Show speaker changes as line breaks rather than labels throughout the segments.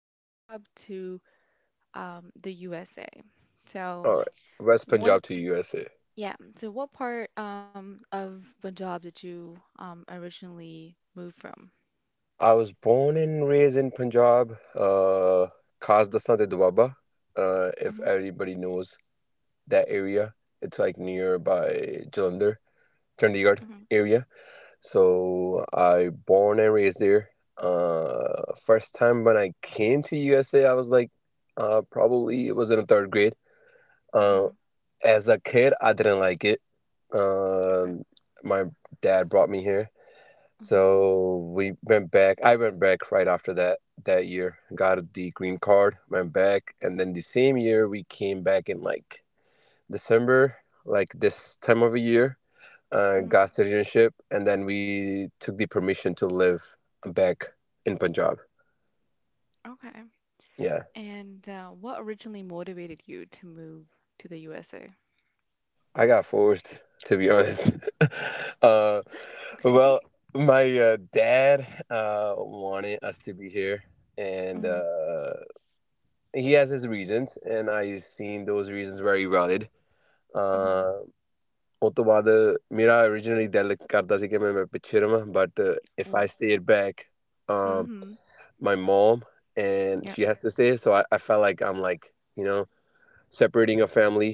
part of Punjab, to the USA.
All right.
So
West Punjab to
one,
USA.
yeah. So what part of Punjab did you originally move from?
I was born and raised in Punjab, Khasdasna de Dwaba, if
Hmm.
everybody knows that area. It's like nearby Jalandhar, Chandigarh
Hmm.
area. So I born and raised there. First time when I came to USA, I was like, probably it was in the third grade. Uh,
Hmm.
as a kid, I didn't like it.
Okay.
Um, my dad brought me here.
Hmm.
So we went back. I went back right after that year. Got the green card, went back, and then the same year we came back in like December, like this time of a year,
Hmm.
got citizenship, and then we took the permission to live back in Punjab.
Okay.
Yeah,
And what originally motivated you to move to the USA?
I got forced to be honest. uh, well,
Okay.
my dad wanted us to be here, and
Hmm.
He has his reasons, and I seen those reasons very valid.
Hmm.
Uh, ਉਸ ਤੋਂ ਬਾਅਦ ਮੇਰਾ originally ਦਿਲ ਕਰਦਾ ਸੀ ਕਿ ਮੈਂ ਪਿੱਛੇ ਰਵਾਂ but if I
Well,
stayed back, um,
hmm.
my mom and she
Yeah.
has to stay, so I felt like I'm like you know separating a family.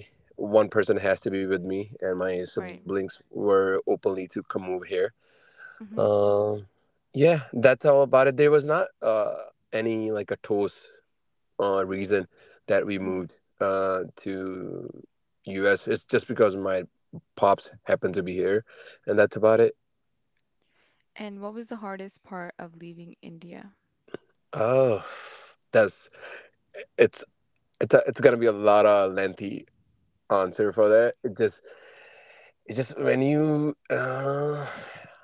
One person has to be with me, and my siblings
Right.
were openly to come over here. Um, yeah, that's all about it. There was not uh any like a toast reason that we moved
Mhm.
to US. It's just because my pops happened to be here, and that's about it.
And what was the hardest part of leaving India?
Oh, that's it's it's a, it's gonna be a lot of lengthy answer for that. It just when you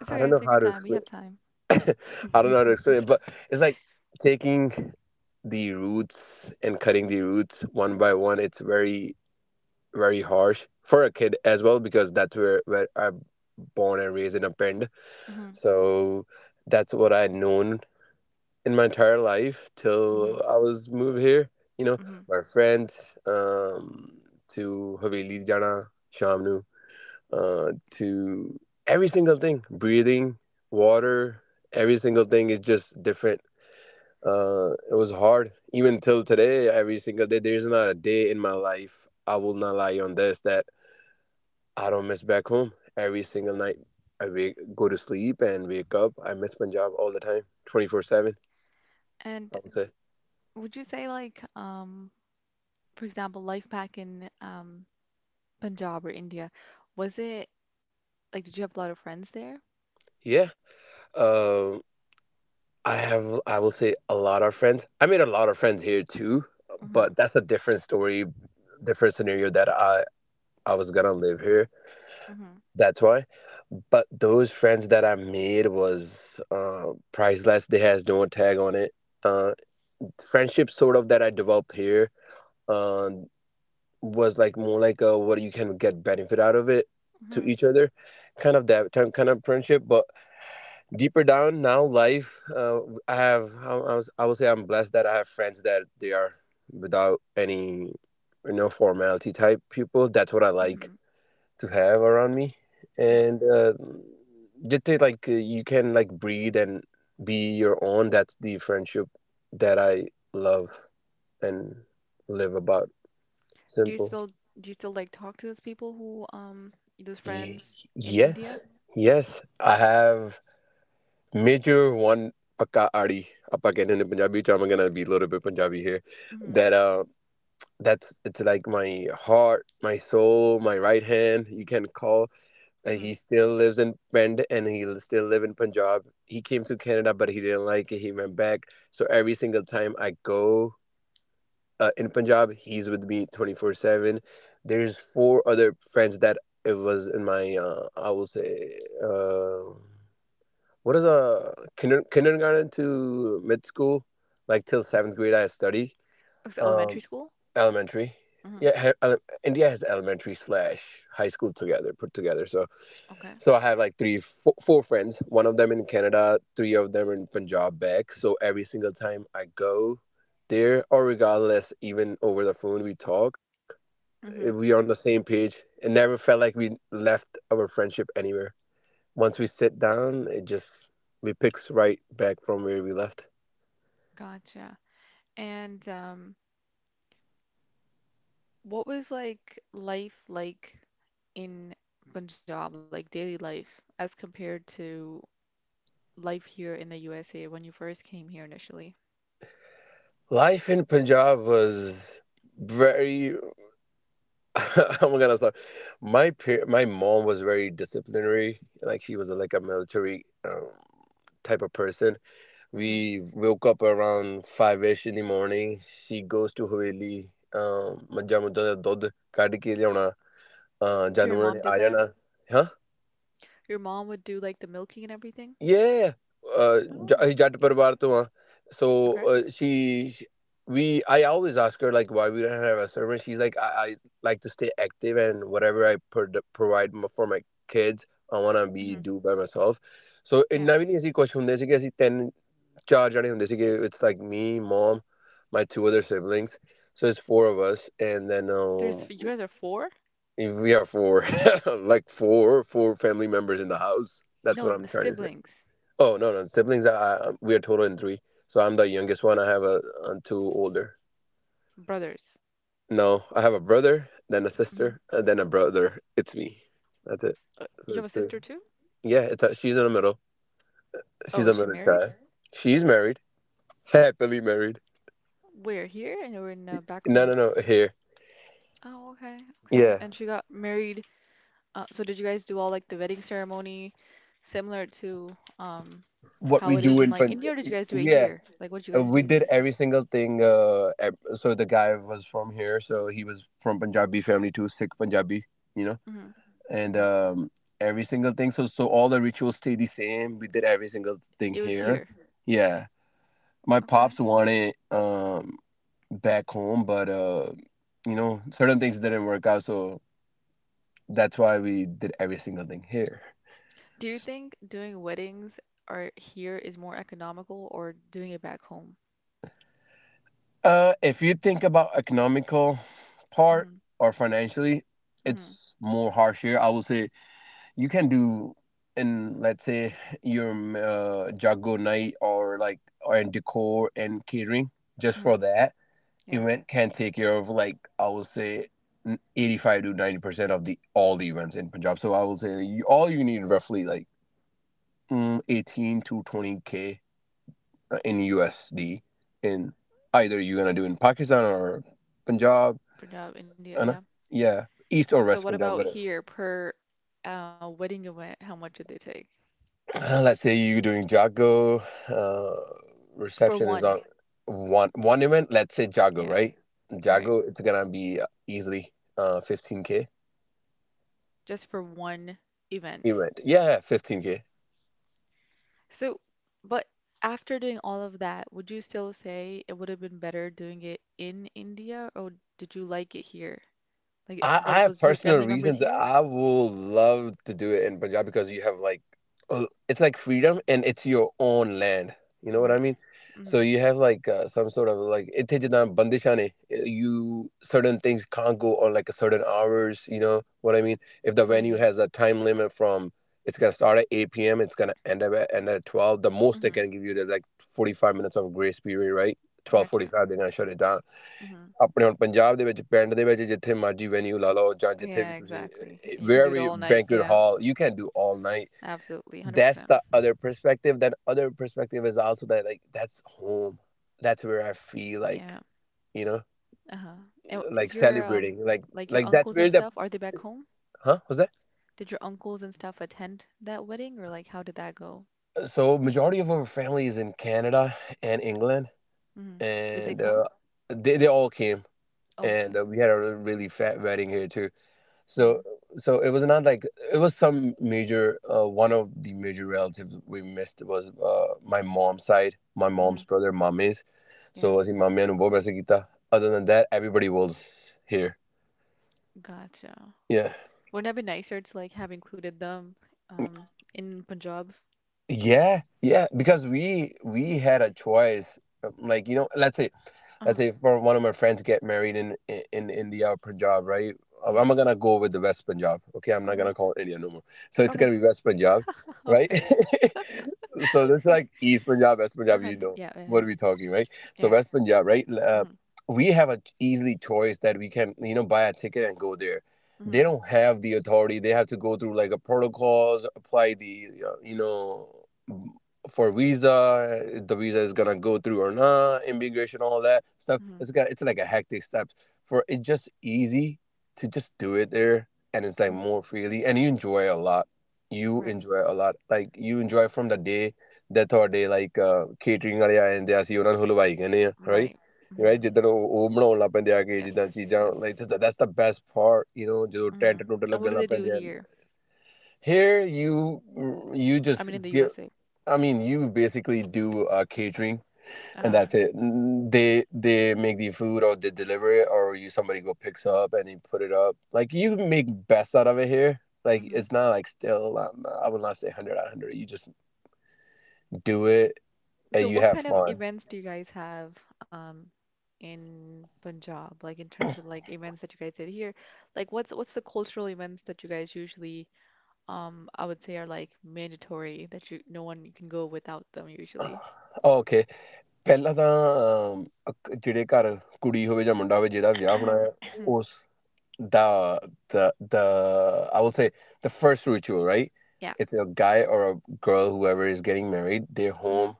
I
It's
don't know
okay,
how
take
to
your time.
explain.
We have time.
I don't know how to explain it, but it's like taking the roots and cutting the roots one by one. It's very very harsh for a kid as well because that's where I'm born and raised in a pen.
Hmm.
So that's what I known in my entire life till I
Hmm.
was moved here. you know my
Hmm.
friend, um to haveli jana shamnu, to every single thing, breathing, water, every single thing is just different. It was hard, even till today. Every single day, there's not a day in my life I will not lie on this that I don't miss back home. Every single night, I wake, go to sleep and wake up. I miss Punjab all the time, 24/7. I would
And
say.
would you say like for example life back in Punjab or India, was it like did you have a lot of friends there?
Yeah. Um, I have, I will say, a lot of friends. I made a lot of friends here too, but
Hmm.
that's a different story, different scenario that I was gonna live here.
Hmm.
That's why. But those friends that I made was priceless. They has no tag on it. Uh, Friendships sort of that I developed here Uh, was like more like a what you can get benefit out of it to each
Hmm.
other kind of kind of friendship. But deeper down, now life I would say I'm blessed that I have friends that they are without any formality type people. That's what I like
Hmm.
to have around me,
Yeah.
and just say, like you can like breathe and be your own. That's the friendship that I love and live about.
Do
Simple.
you still do you still like talk to those people who those
Ye-
friends in
Yes,
India?
yes, I have major one pakka aadi. Apa कहते हैं in Punjabi, so I'm gonna be a little bit Punjabi here. That
Hmm.
that's it's like my heart, my soul, my right hand. You can call. He
Hmm.
still lives in Pend and still live in Punjab. He came to Canada, but he didn't like it. He went back. So every single time I go in Punjab, he's with me 24/7. There's four other friends that it was in my, I will say, what is a kindergarten to mid school? Like till seventh grade, I study.
It's
Um,
elementary school?
Elementary. Yeah,
Hmm.
India has elementary slash high school together, put together. So
Okay.
so I have like three, four friends. One of them in Canada, three of them in Punjab back. So every single time I go there, or regardless, even over the phone we talk, we are on the
Hmm.
same page. It never felt like we left our friendship anywhere. Once we sit down, it just we picks right back from where we left.
Gotcha. And what was like life like in Punjab, like daily life, as compared to life here in the USA when you first came here initially?
Life in Punjab was very. Oh my God, I'm gonna start. My mom was very disciplinary. Like she was like a military, type of person.
Hmm.
We woke up around five ish in the morning. She goes to ਹਵੇਲੀ, ਮੱਝਾਂ ਮੁੱਝਾਂ ਦਾ ਦੁੱਧ ਕੱਢ ਕੇ ਲਿਆਉਣਾ ਅਹ ਜਾਂ
So your
ਉਹਨਾਂ ਨੇ
mom
ਆ
did
ਜਾਣਾ
that?
ਹਾਂ,
Your mom would do like the milking and everything?
Yeah, uh,
Oh,
Jat
okay.
Parivar to वहाँ. So
Okay.
I always ask her like why we don't have a servant. She's like, I like to stay active and whatever I provide for my kids, I wanna be
Hmm.
do by myself. So
Yeah.
ਇੰਨਾ ਵੀ ਨਹੀਂ ਅਸੀਂ ਕੁਛ ਹੁੰਦੇ ਸੀਗੇ ਅਸੀਂ ਤਿੰਨ ਚਾਰ ਜਣੇ ਹੁੰਦੇ ਸੀਗੇ. It's like me, mom, my two other siblings. So it's four of us, and then
There's f- you guys are four?
we are four, like four family members in the house. That's
No,
what I'm
n-
trying to say.
siblings,
Oh no, no siblings. I we are total in three. So I'm the youngest one. I have two older.
brothers.
No, I have a brother, then a
Hmm.
sister, and then a brother. It's me. That's it. So
You
it's
have a
three.
sister too?
Yeah, she's in the middle.
Oh,
She's
is
a
she
middle
married?
child. She's married, happily married.
We're here and we're in back
No,
home.
no, no. Here.
Oh, okay. Okay.
Yeah.
And she got married. So did you guys do all like the wedding ceremony similar to um
What
how
we
it is
do
in
in
like
Pan-
India, or did you guys do it
Yeah.
here? Like what did you guys
We
do?
did every single thing. So the guy was from here, so he was from Punjabi family too, Sikh Punjabi, you know.
Hmm.
and
Yeah,
um, every single thing. So all the rituals stay the same. We did every single thing
it was
here.
here.
Yeah, my pops
Okay.
wanted back home, but certain things didn't work out. So that's why we did every single thing here.
Do you think doing weddings are here is more economical or doing it back home?
If you think about economical part
Hmm.
or financially,
Hmm.
it's more harsh here. I would say you can do in let's say your Jago night, or in decor and catering just for
Hmm.
that
Yeah,
event can take care of like I would say 85 to 90% of the all the events in Punjab. So I will say all you need roughly like 18 to 20K in USD in either you're gonna do in Pakistan or Punjab,
Punjab, India,
and
yeah.
yeah, East or
So
West
what
Punjab,
about
whatever.
here per wedding event, how much did they take?
Let's say you're doing Jago, uh,
For
reception is
one.
on one event. Let's say Jago,
Yeah,
right?
right.
Jago, it's gonna be easily 15K
Just for one event.
event. Yeah, 15K.
So, but after doing all of that, would you still say it would have been better doing it in India, or did you like it here? Like,
I
were
have
was your
personal
family members
reasons that
here?
I will love to do it in Punjab because you have like it's like freedom and it's your own land. You know what I
Right.
mean? So
Mm-hmm.
you have like some sort of like it takes down bandishane. You certain things can't go on like a certain hours. You know what I mean? If the
What do you
venue
mean?
has a time limit from it's gonna start at 8 p.m. It's gonna end at 12. The most they
Mm-hmm.
can give you is like 45 minutes of grace period, right? Twelve forty
Gotcha.
five, they're gonna shut it down
Mm-hmm.
ਆਪਣੇ ਹੁਣ ਪੰਜਾਬ ਦੇ ਵਿੱਚ ਪਿੰਡ ਦੇ ਵਿੱਚ ਜਿੱਥੇ ਮਰਜੀ Venue ਲਾ ਲਓ ਜਾਂ ਜਿੱਥੇ ਵੀ
Yeah,
ਤੁਸੀਂ
exactly. You can
wear
do it
ਵੀ
all night.
Banquet
Yeah,
hall you can do all night
absolutely,
that's
100%.
other perspective perspective than other perspective is also that like that's home that's where I feel like
Yeah.
You know
Uh-huh. And w-
like
is your
celebrating, like
like your
like that's
uncles
where
and
the
stuff, are they back home?
huh was that.
Did your uncles and stuff attend that wedding, or like how did that go?
So majority of our family is in Canada and England,
Mm-hmm. Did they
and
come?
they all came.
Okay.
And we had a really fat wedding here too. So so it was not like it was some major one of the major relatives we missed was my mom's side, my mom's
Mm-hmm.
brother, mommy's.
Yeah.
So I think mommy and Bob. Other than that, everybody was here.
Gotcha.
Yeah.
Wouldn't it be nicer to like have included them um in Punjab?
Yeah, yeah,
Yeah.
because we had a choice. Like, let's say let's
Uh-huh.
say for one of my friends get married in India or Punjab, right?
Yeah.
I'm gonna go with the West Punjab. Okay, I'm not
Okay.
gonna call it India no more. So it's
Okay.
gonna be West Punjab, right?
Okay.
So that's like East Punjab, West Punjab. You
And
know
yeah, yeah,
what
yeah.
are we talking, right? So
Yeah.
West Punjab, right? Uh,
Mm-hmm.
we have a easily choice that we can buy a ticket and go there. They
Mm-hmm.
don't have the authority. They have to go through like a protocols, apply the for visa, if the visa is gonna go through or not, immigration, all that stuff.
Mm-hmm.
It's like a hectic step. For it just easy to just do it there, and it's like
Hmm.
more freely, and you enjoy a lot. You
Right.
enjoy a lot. Like you enjoy from the day that thought they like catering area, and they ask you ਉਹਨਾਂ ਨੂੰ ਹਲਵਾਈ ਕਹਿੰਦੇ ਆ
Right.
right
Mm-hmm.
ਜਿੱਦਣ ਉਹ ਬਣਾਉਣ ਲੱਗ ਪੈਂਦੇ ਆ ਕੇ ਜਿੱਦਾਂ
Yes.
ਚੀਜ਼ਾਂ like
Yes.
That's the best part you نو ਜਦੋਂ ਟੈਂਟ
Mm-hmm.
ਟੁੰਟ
And
ਲੱਗਣ
what do
ਲੱਗ
they do
ਪੈਂਦੇ ਆ.
here?
Here you
I
just
mean, in the
give,
USA.
I mean you basically do catering, and
Uh-huh.
that's it. They they make the food, or they deliver it, or you somebody go picks up and you put it up. Like you make best out of it here. Like
Mm-hmm.
it's not like still, I would not say 100 out of 100. You just do it and
So
you
what
have
kind of
fun.
events do you guys have um in Punjab? Like in terms of like events that you guys did here? Like what's the cultural events that you guys usually I would say are like mandatory that you no one can go without them usually.
Oh, okay. ਪਹਿਲਾਂ ਤਾਂ ਜਿਹੜੇ ਘਰ ਕੁੜੀ ਹੋਵੇ ਜਾਂ ਮੁੰਡਾ ਹੋਵੇ ਜਿਹਦਾ ਵਿਆਹ ਹੋਣਾ ਹੈ ਉਸ ਦਾ, the the I will say the first ritual, right?
Yeah.
It's a guy or a girl, whoever is getting married, their
Hmm.
home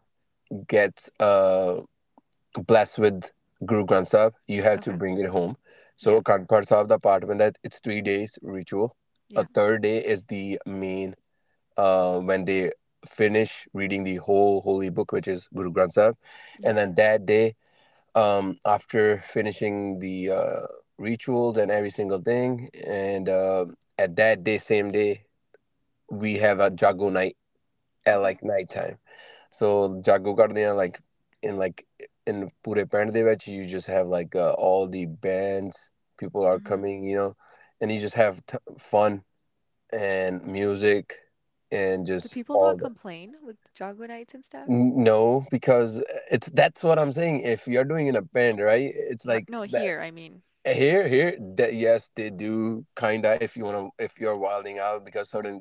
gets blessed with Guru Granth Sahib. You have to
Okay.
bring it home.
Yeah.
So Akhand Path Sahib, the part when that it's 3 days ritual. A
Yeah.
third day is the main, when they finish reading the whole holy book, which is Guru Granth Sahib.
Yep.
And then that day, after finishing the rituals and every single thing. And at that day, same day, we have a jago
Hmm.
night at
Okay.
like nighttime. So jago ਕਰਦੇ ਆ like in pure band ਦੇ ਵਿੱਚ you just have like all the bands, people are
Hmm.
coming, you know, and you just have fun and music and
Do
just
people
all
not
that.
complain with Jago nights and stuff?
No, because it's that's what I'm saying, if you're doing in a band, right, it's
Ri-
like
No,
that.
here, I mean.
Here, here, that yes, they do kinda. If you wanna, if you're wilding out, because certain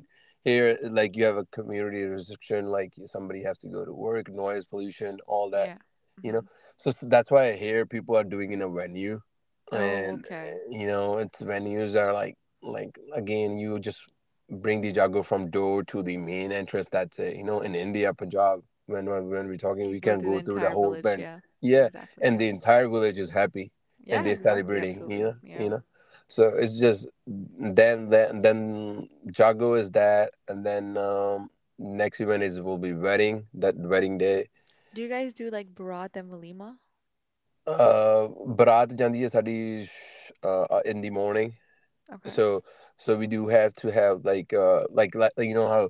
here, like you have a community restriction, like somebody has to go to work, noise pollution, all that,
Yeah.
you know.
Hmm.
So, that's why here people are doing in a venue,
Oh,
and
okay.
you know, it's venues are like again, you just bring the jago from door to the main entrance. That's it. You know, in India, Punjab, when when we're talking,
You
we
go
can
through the
go through the
entire
whole
village.
bend.
Yeah.
Yeah,
Exactly.
and
Yeah.
the entire village is happy, and
Yeah,
they're
exactly.
celebrating, you
Absolutely.
know,
Yeah.
you know. So it's just then Jago is that, and then, next event is will be wedding, that wedding day.
Do you guys do like Bharat and Valima?
Bharat Jandi is studies in the morning,
Okay.
so we do have to have like you know how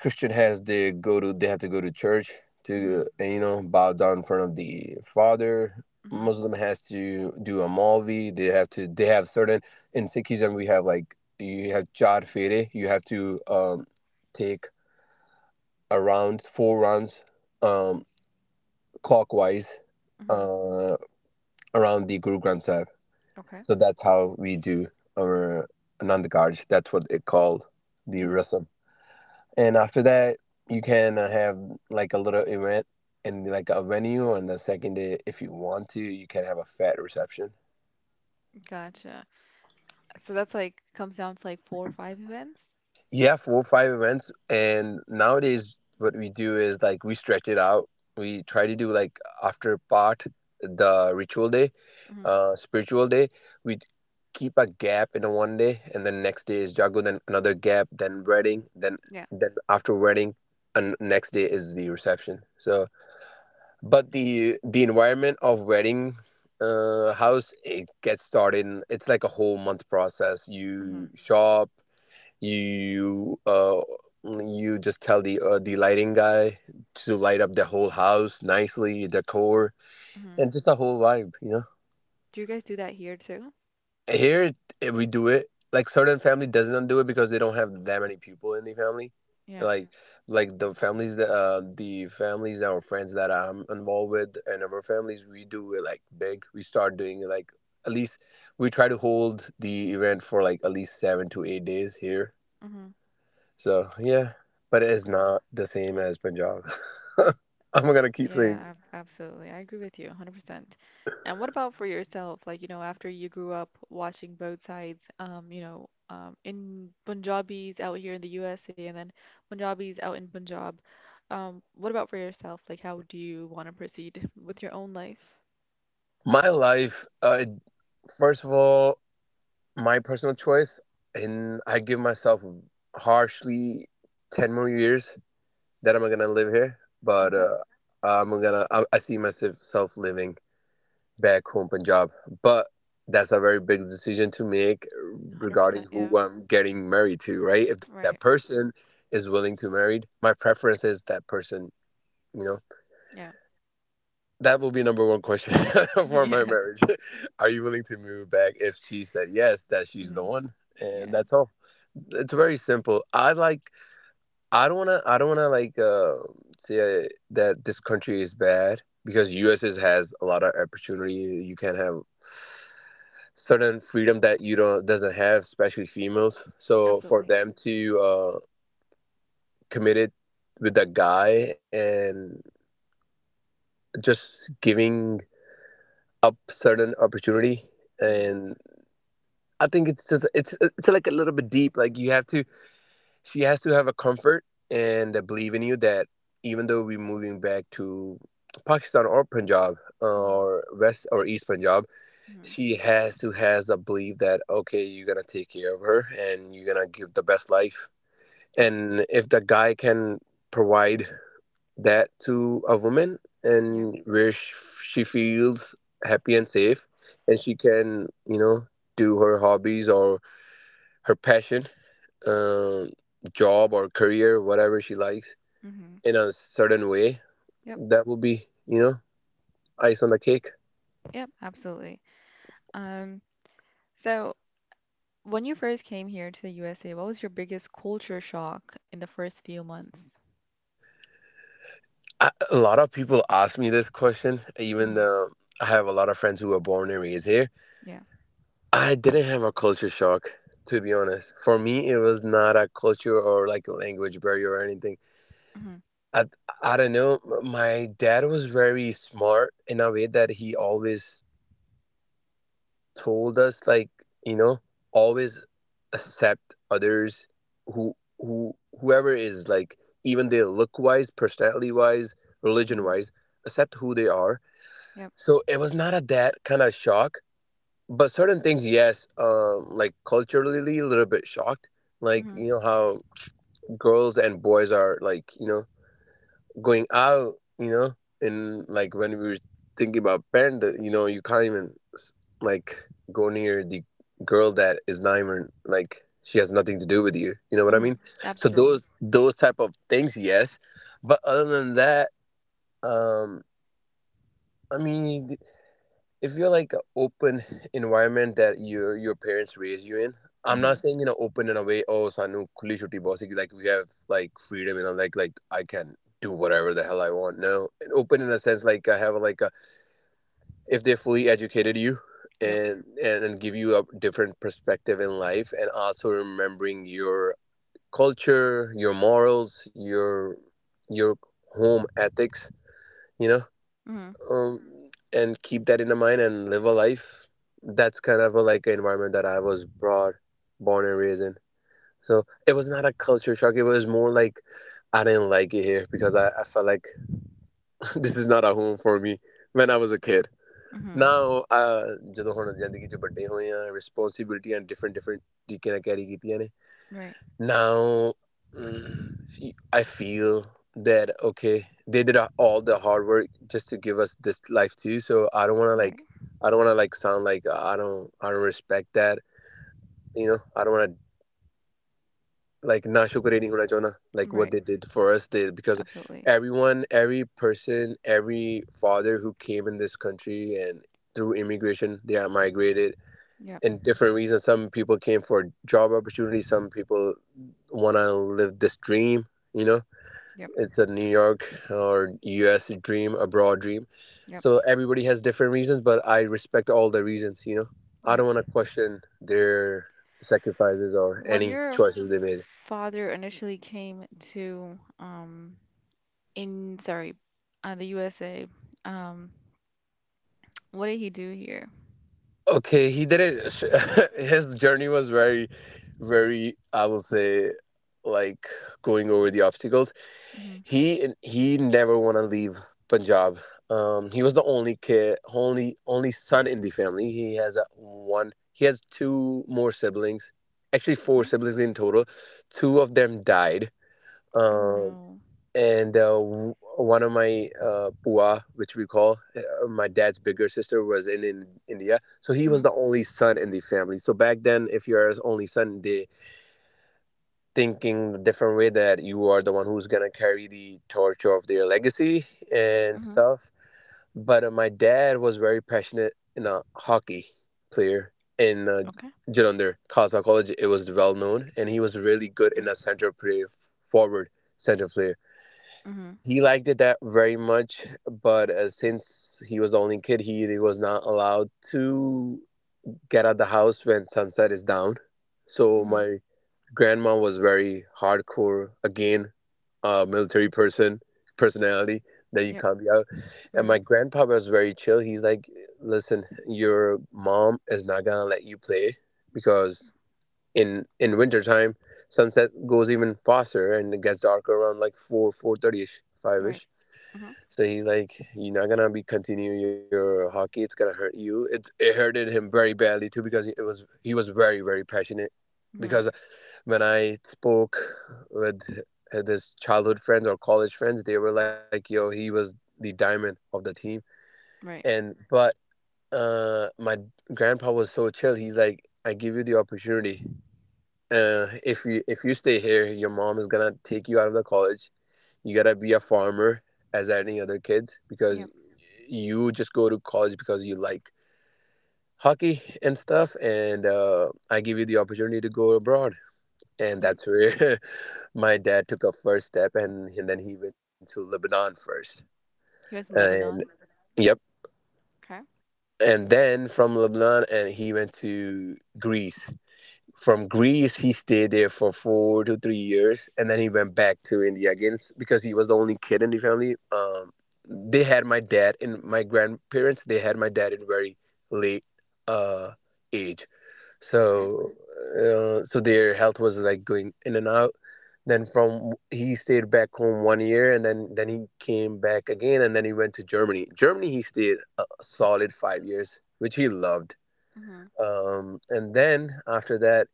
Christian has they go to they have to go to church
Mm-hmm.
to and, you know, bow down in front of the father.
Mm-hmm.
Muslim has to do a malvi. They have to they have certain, in Sikhism we have like you have char fere. You have to take around four rounds, um clockwise
Mm-hmm.
uh around the Guru Granth Sahib.
Okay.
So that's how we do our Nandgarj. That's what it called, the
Mm-hmm.
rasam. And after that, you can have like a little event in like a venue. On the second day, if you want to, you can have a fat reception.
Gotcha. So that's like comes down to like four or five events.
Yeah, four or five events. And nowadays, what we do is like we stretch it out. We try to do like after part, the ritual day,
Hmm.
spiritual day. We keep a gap in a one day, and then next day is jago, then another gap, then wedding,
Yeah.
then after wedding, and next day is the reception. So but the environment of wedding house it gets started. It's like a whole month process.
Hmm.
You shop. You you just tell the lighting guy to light up the whole house nicely, decor,
Hmm.
and just a whole vibe. You know.
Do you guys do that here too?
Here it, we do it. Like certain family doesn't do it because they don't have that many people in the family.
Yeah.
Like the families that are friends that I'm involved with, and our families, we do it like big. We start doing it like at least we try to hold the event for like at least 7 to 8 days here.
Hmm.
So yeah, but it is
Okay.
not the same as Punjab. I'm gonna keep saying
Yeah,
it.
ab- absolutely. I agree with you 100%. And what about for yourself? Like, you know, after you grew up watching both sides, you know, in Punjabis out here in the USA and then Punjabis out in Punjab, what about for yourself? Like, how do you want to proceed with your own life?
My life. First of all, my personal choice, and I give myself harshly 10 more years that I'm gonna live here. But
Okay.
I'm gonna I see myself living back home, Punjab. But that's a very big decision to make
100%.
regarding
Yeah.
who I'm getting married to, right? If that
Right.
person is willing to married, my preference is that person, you know.
Yeah.
That will be number one question for my
Yeah.
marriage. Are you willing to move back? If she said yes, that she's the
Mhm.
one, and
Yeah.
that's all. It's very simple. I like. I don't wanna. I don't wanna like say that this country is bad because U.S. has a lot of opportunity. You can have certain freedom that you don't doesn't have, especially females. So for
Absolutely.
them to commit it with a guy and just giving up certain opportunity
Hmm.
and. I think it's just it's like a little bit deep. Like you have to, she has to have a comfort and a belief in you, that even though we're moving back to Pakistan or Punjab,
Hmm.
or West or East Punjab,
Hmm.
she has to has a belief that okay, you're gonna take care of her and you're gonna give the best life.
Yep.
And if the guy can provide that to a woman,
Yep.
and where she feels happy and safe, and she can you know do her hobbies or her passion, um, job or career, whatever she likes,
Hmm.
in a certain way,
Yep.
that will be, you know, ice on the cake.
Yep. Absolutely. Um, so when you first came here to the USA, what was your biggest culture shock in the first few months?
I, a lot of people ask me this question, even
Hmm.
though I have a lot of friends who were born and raised here.
Yeah.
I didn't have a culture shock, to be honest. For me, it was not a culture or like a language barrier or anything.
Hmm.
I, I don't know. My dad was very smart in a way that he always told us like you know always accept others who who whoever is like, even they look wise, personality wise, religion
Hmm.
wise, accept who they are.
Yep.
So it was not a that kind of shock, but certain things, yes, like culturally a little bit shocked, like you
Hmm.
know how girls and boys are like you know going out, you know, and like when we were thinking about band, you know, you can't even like go near the girl that is not even like she has nothing to do with you. You know what I
Hmm.
mean? So
Absolutely.
those type of things, yes. But other than that, um, I mean, if you're like an open environment that your parents raise you in, I'm
Hmm.
not saying you know open in a way, oh sanu khuli chutti bossy like we have like freedom, you know, like I can do whatever the hell I want, no, and open in a sense, like I have like a, if they fully educated you
Yep.
and give you a different perspective in life, and also remembering your culture, your morals, your your home ethics, you know,
Hmm.
and keep that in the mind and live a life. That's kind of a, like an environment that I was brought born and raised in. So it was not a culture shock, it was more like I didn't like it here because I felt like this is not a home for me when I was a kid.
Hmm.
Now ਜਦੋਂ ਹੁਣ ਜ਼ਿੰਦਗੀ 'ਚ ਵੱਡੇ ਹੋਏ ਆ ਰਿਸਪੌਂਸਿਬਿਲਟੀਆਂ different ਤਰੀਕੇ ਨਾਲ carry ਕੀਤੀਆਂ ਨੇ.
Right.
Now, mm, I feel that okay, they did all the hard work just to give us this life too. So I don't want to
Right.
like, I don't want to like sound like I don't respect that. You know, I don't want to like not shukreeni hona chona like what
Right.
they did for us. They because
Absolutely.
everyone, every person, every father who came in this country and through immigration, they are migrated
Yep.
and different reasons. Some people came for job opportunities. Some people want to live this dream. You know,
Yep.
it's a New York or U.S. dream, abroad dream.
Yep.
So everybody has different reasons, but I respect all the reasons. You know, I
Yep.
don't want to question their sacrifices or
When
any
your
choices they made.
father initially came to in sorry, the USA. Um, what did he do here?
Okay, he didn't. His journey was very, very. I will say, like going over the obstacles.
Hmm.
He never want to leave Punjab. He was the only kid, only son in the family. He has a one. He has two more siblings, actually four
Okay.
siblings in total. Two of them died.
Oh
Um,
no.
and one of my pua, which we call my dad's bigger sister, was in India. So he was the
Hmm.
only son in the family. So back then, if you're his only son, they thinking a different way that you are the one who's gonna carry the torch of their legacy
Hmm.
and stuff. But my dad was very passionate in a hockey player in
Okay.
Jalandhar Khalsa College. It was well known, and he was really good
Yeah.
in a center play, forward center player.
Hmm.
He liked it that very much, but since he was the only kid, he was not allowed to get out the house when sunset is down. So
Hmm.
my grandma was very hardcore again, military person personality, that you
Yep.
can't be out. And
Hmm.
my grandpa was very chill. He's like, listen, your mom is not gonna let you play because in wintertime sunset goes even faster and it gets darker around like 4 4:30 ish
Right.
5ish.
Hmm.
So he's like, you're not gonna be continue your hockey. It's gonna hurt you. It hurted him very badly too because it was he was very very passionate.
Hmm.
Because when I spoke with his childhood friends or college friends, they were like, yo, he was the diamond of the team.
Right.
And but my grandpa was so chill. He's like, I give you the opportunity. If you stay here, your mom is gonna take you out of the college. You gotta be a farmer as any other kid because
Yep.
you just go to college because you like hockey and stuff. And I give you the opportunity to go abroad,
Yep.
and that's where my dad took a first step, and then he went to Lebanon first.
He was in
And,
Lebanon.
yep,
Okay.
and then from Lebanon, and he went to Greece. From Greece, he stayed there for 4 to 3 years, and then he went back to India again, because he was the only kid in the family. They had my dad and my grandparents. They had my dad in very late uh, age,
Okay.
so so their health was like going in and out. Then from he stayed back home one year, and then he came back again, and then he went to Germany. Germany, he stayed a solid 5 years, which he loved,
Hmm.
and then after that,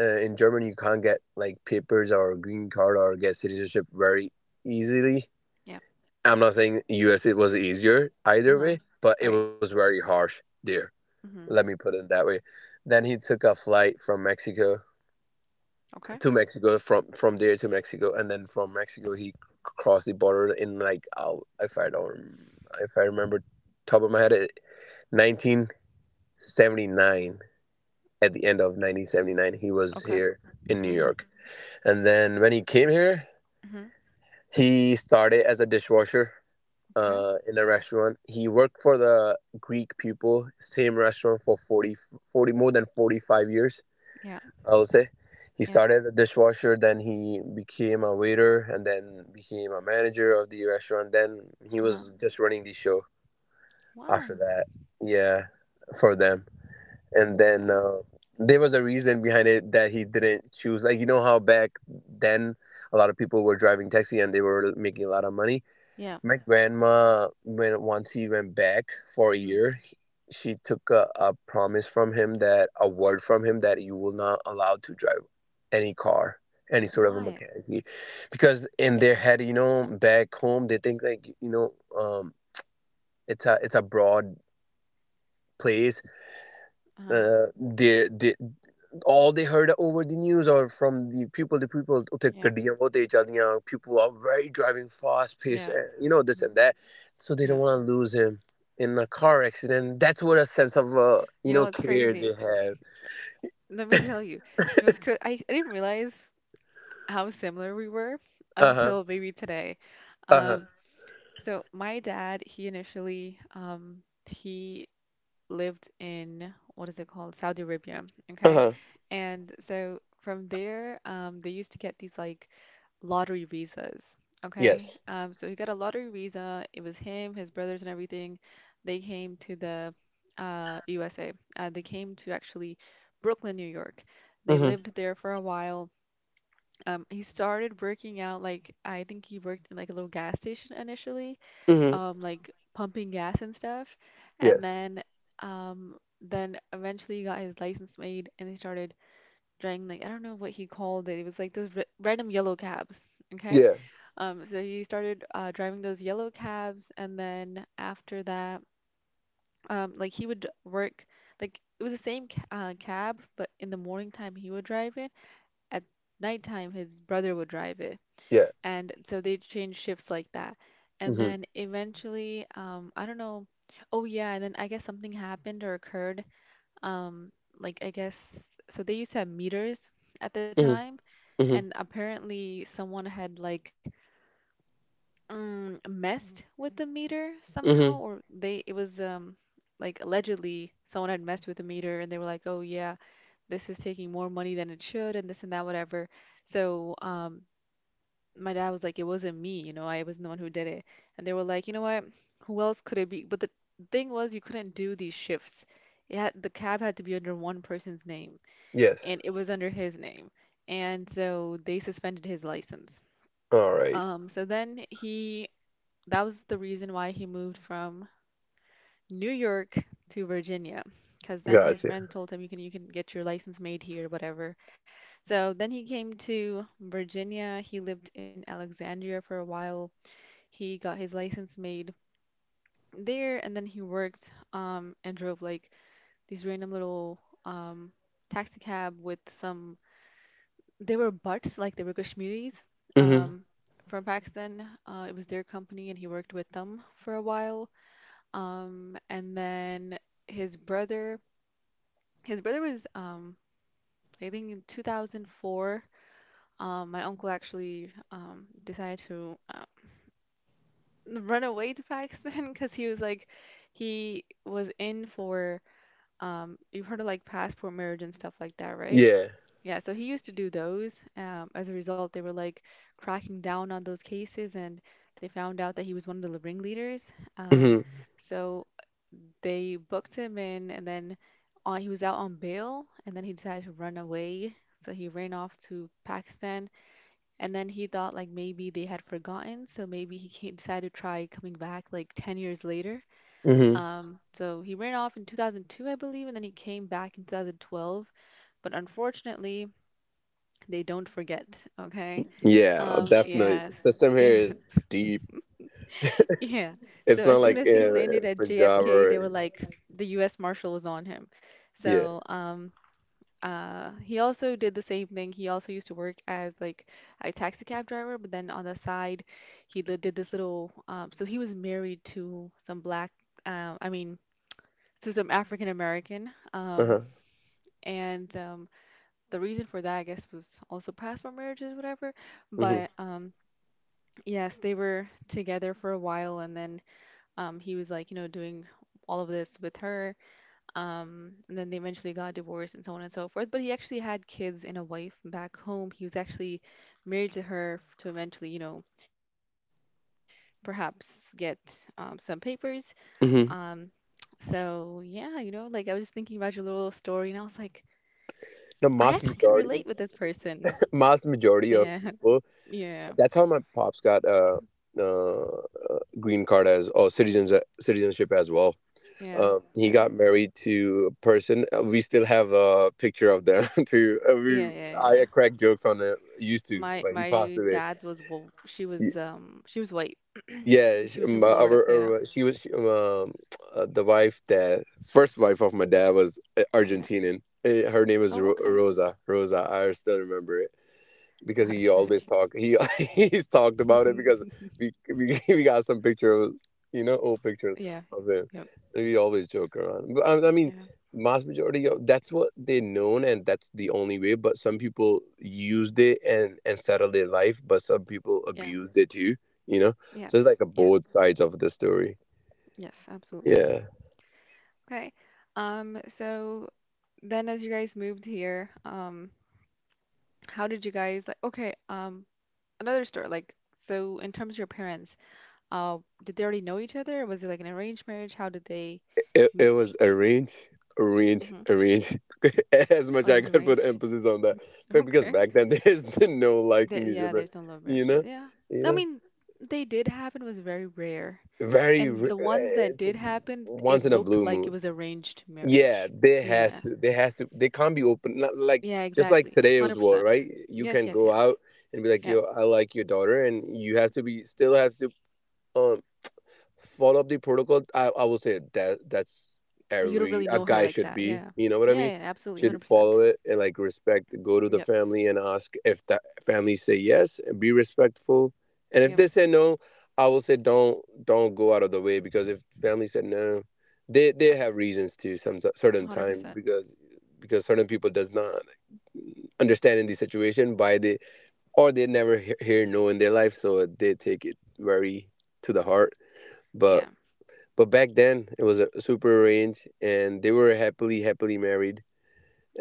in Germany you can't get like papers or green card or get citizenship very easily.
Yeah.
I'm not saying US it was easier either
Uh-huh.
way, but it
Right.
was very harsh there. Let me
Hmm.
put it that way. Then he took a flight from Mexico
Okay.
to Mexico, from there to Mexico, and then from Mexico he crossed the border in like, oh, if I remember top of my head, 1979, at the end of 1979 he was
Okay.
here in New
Hmm.
York. And then when he came here,
Hmm.
he started as a dishwasher,
Okay.
in a restaurant. He worked for the Greek people, same restaurant for 40, 40 more than 45 years,
Yeah.
I would say. He
Yeah.
started as a dishwasher, then he became a waiter, and then became a manager of the restaurant. Then he
Uh-huh.
was just running the show after
Wow.
that. Yeah, for them. and then
Okay.
uh, there was a reason behind it that he didn't choose, like, you know how back then a lot of people were driving taxi and they were making a lot of money.
Yeah.
My grandma, when once he went back for a
Hmm.
year, she took a promise from him, that a word from him, that you will not allow to drive any car, any sort of a
Why?
mechanic, because in their head, you know, back home they think like, um it's a broad place.
Uh-huh.
uh, they, they, all they heard over the news or from the people ਉੱਥੇ
Yeah.
ਗੱਡੀਆਂ ਬਹੁਤ ਤੇਜ਼ ਚੱਲਦੀਆਂ, people are very driving fast paced,
Yeah.
and you know, this
Hmm.
and that. So they
Yeah.
don't want to lose him in a car accident. That's what a sense of, you
You know,
know,
what's
care
crazy.
they have.
Let me tell you, you know, it's cra I didn't realize how similar we were
Uh-huh.
until maybe today.
Uh-huh.
Um, so my dad, he initially, he lived in what is it called? Saudi Arabia. Okay.
Uh-huh.
And so from there, they used to get these like lottery visas. Okay.
Yes.
So he got a lottery visa. It was him, his brothers, and everything. They came to the USA. They came to actually Brooklyn, New York. They
Mm-hmm.
lived there for a while. He started working out like I think he worked in like a little gas station initially,
Mm-hmm.
um, like pumping gas and stuff, and
Yes.
um then eventually he got his license made and he started driving like I don't know what he called it. It was like those re- red yellow cabs, okay?
Yeah,
So he started driving those yellow cabs and then after that like he would work like it was the same ca- cab but in the morning time he would drive it at nighttime his brother would drive it
yeah.
and so they change shifts like that. And
Mm-hmm.
then eventually, I don't know. Oh yeah, and then I guess something happened or occurred. Um, like I guess so they used to have meters at the
Mm-hmm.
time,
Mm-hmm.
and apparently someone had like messed with the meter somehow,
Mm-hmm.
or they it was like allegedly someone had messed with the meter, and they were like, oh yeah, this is taking more money than it should, and this and that, whatever. So my dad was like, it wasn't me, you know, I wasn't the one who did it. And they were like, you know what, who else could it be? But the thing was, you couldn't do these shifts. It had, the cab had to be under one person's name,
Yes.
and it was under his name. And so they suspended his license.
All right.
So then he, that was the reason why he moved from New York to Virginia. Because then his
Gotcha.
friends told him you can get your license made here, whatever. So then he came to Virginia. He lived in Alexandria for a while. He got his license made there, and then he worked and drove like these random little taxi cab with some. They were butts, like they were Kashmiris
Mm-hmm.
um, from Pakistan. It was their company, and he worked with them for a while. And then his brother, his brother was, I think, in 2004. My uncle actually decided to run away to Pakistan because he was in for you've heard of like passport marriage and stuff like that, right?
Yeah.
Yeah, so he used to do those. As a result, they were like cracking down on those cases, and they found out that he was one of the ringleaders. Um,
Mm-hmm.
so they booked him in, and then he was out on bail, and then he decided to run away. So he ran off to Pakistan and then he thought like maybe they had forgotten, so maybe he came, decided to try coming back like 10 years later.
Mm-hmm.
So he ran off in 2002, I believe, and then he came back in 2012. But unfortunately, they don't forget, okay?
Yeah, definitely.
Yes.
System here
Yeah.
is deep.
Yeah. So
It's
as
not
soon
like,
as he landed at
Punjab
JFK, they were
or,
like the US Marshal was on him.
yeah.
So, he also did the same thing. He also used to work as like a taxi cab driver, but then on the side, he li- did this little. So he was married to some black. I mean, to some African American.
Uh huh.
And the reason for that, I guess, was also past from marriages, whatever.
Mhm.
But yes, they were together for a while, and then he was like, you know, doing all of this with her. And then they eventually got divorced and so on and so forth. But he actually had kids and a wife back home. He was actually married to her f- to eventually, you know, perhaps get some papers. Um,
Mhm.
so yeah, you know, like I was just thinking about your little story, and I was like, I actually
The
can
mass
relate with this
majority,
person.
mass
Yeah,
majority of people.
yeah,
That's how my pops got, uh green card as, citizenship as well.
yeah,
He
yeah,
got married to a person. We still have a picture of them too.
yeah,
We
yeah, yeah.
I crack jokes on it. Used to,
My
but he passed
my
away.
dad's was, well, she was she was white.
Yeah,
She was from Florida. Yeah,
uh, she was she, um, um, the wife, that first wife of my dad was,
yeah.
Argentinian. Her name was
Oh,
Ro
okay.
Rosa. Rosa, I still remember it because he
Gotcha.
always talk he he's talked about
Yeah.
it, because we got some pictures, old pictures
Yeah.
of him,
Yep.
and we always joke around. But I mean,
Yeah.
mass majority of, that's what they known, and that's the only way, but some people used it and settled their life, but some people
Yeah.
abused it too, you know so it's
Yes.
like a
Yeah.
both sides of the story.
Yes, absolutely.
Yeah.
Okay. So then, as you guys moved here, how did you guys, like, okay, another story, like, so in terms of your parents, uh, did they already know each other? Was it like an arranged marriage? How did they
It
meet?
was arrange, arrange,
Mm-hmm.
arrange. as much
Oh, it
I
was
could put
arranged.
emphasis on that, but because
Okay.
back then there's been no liking
Th
each
yeah,
other,
there's no love
you know,
marriages. Yeah.
you
I
know,
mean, they did happen, was very rare.
very.
And the ones that
It's a
did happen,
once
it
in a
looked
blue
like it
moon.
was arranged
Yeah,
marriage.
they has
Yeah.
to. They has to. They can't be open. Not like
Yeah,
Just like
exactly.
today's world,
100%.
right? You
Yes,
can
yes,
go out
yes.
and be like,
Yeah.
"Yo, I like your daughter," and you have to be, still have to. um. Follow up the protocol. I will say that, that's
That you don't
every
really
a
know
guy
her like
should
that.
be,
Yeah.
you know what I mean,
Yeah, yeah, absolutely.
should follow
100%.
it and like respect, go to the family
Yes.
and ask. If the family say yes, and be respectful, and if they
Yep.
say no, I will say don't, go out of the way, because if family said no, they
Yeah.
have reasons to some certain time,
100%.
because certain people does not understand in the situation by the, or they never hear no in their life, so they take it very to the heart. But
Yeah.
back then it was a super arranged, and they were happily married,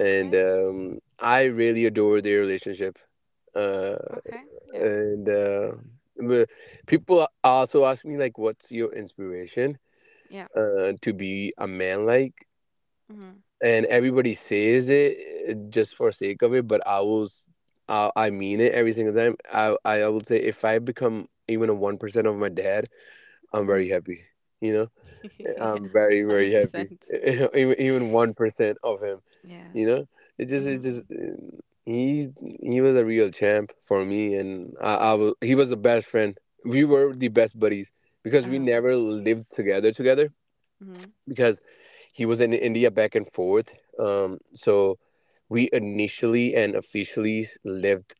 Okay.
um, I really adore their relationship, uh,
Okay. Yeah.
and but people also ask me like, what's your inspiration,
Yeah.
to be a man, like,
Mm-hmm.
and everybody says it, just for sake of it, but I mean it every single time. I will say, if I become even a 1% of my dad, I'm
Mm-hmm.
very happy. you know
Yeah.
I'm very happy.
100%.
Even 1% of him,
Yeah.
you know, it
Mm-hmm.
just he was a real champ for me. And I was he was the best friend. We were the best buddies because we
Uh-huh.
never lived together together,
Mm-hmm.
because he was in India back and forth. So we initially and officially lived,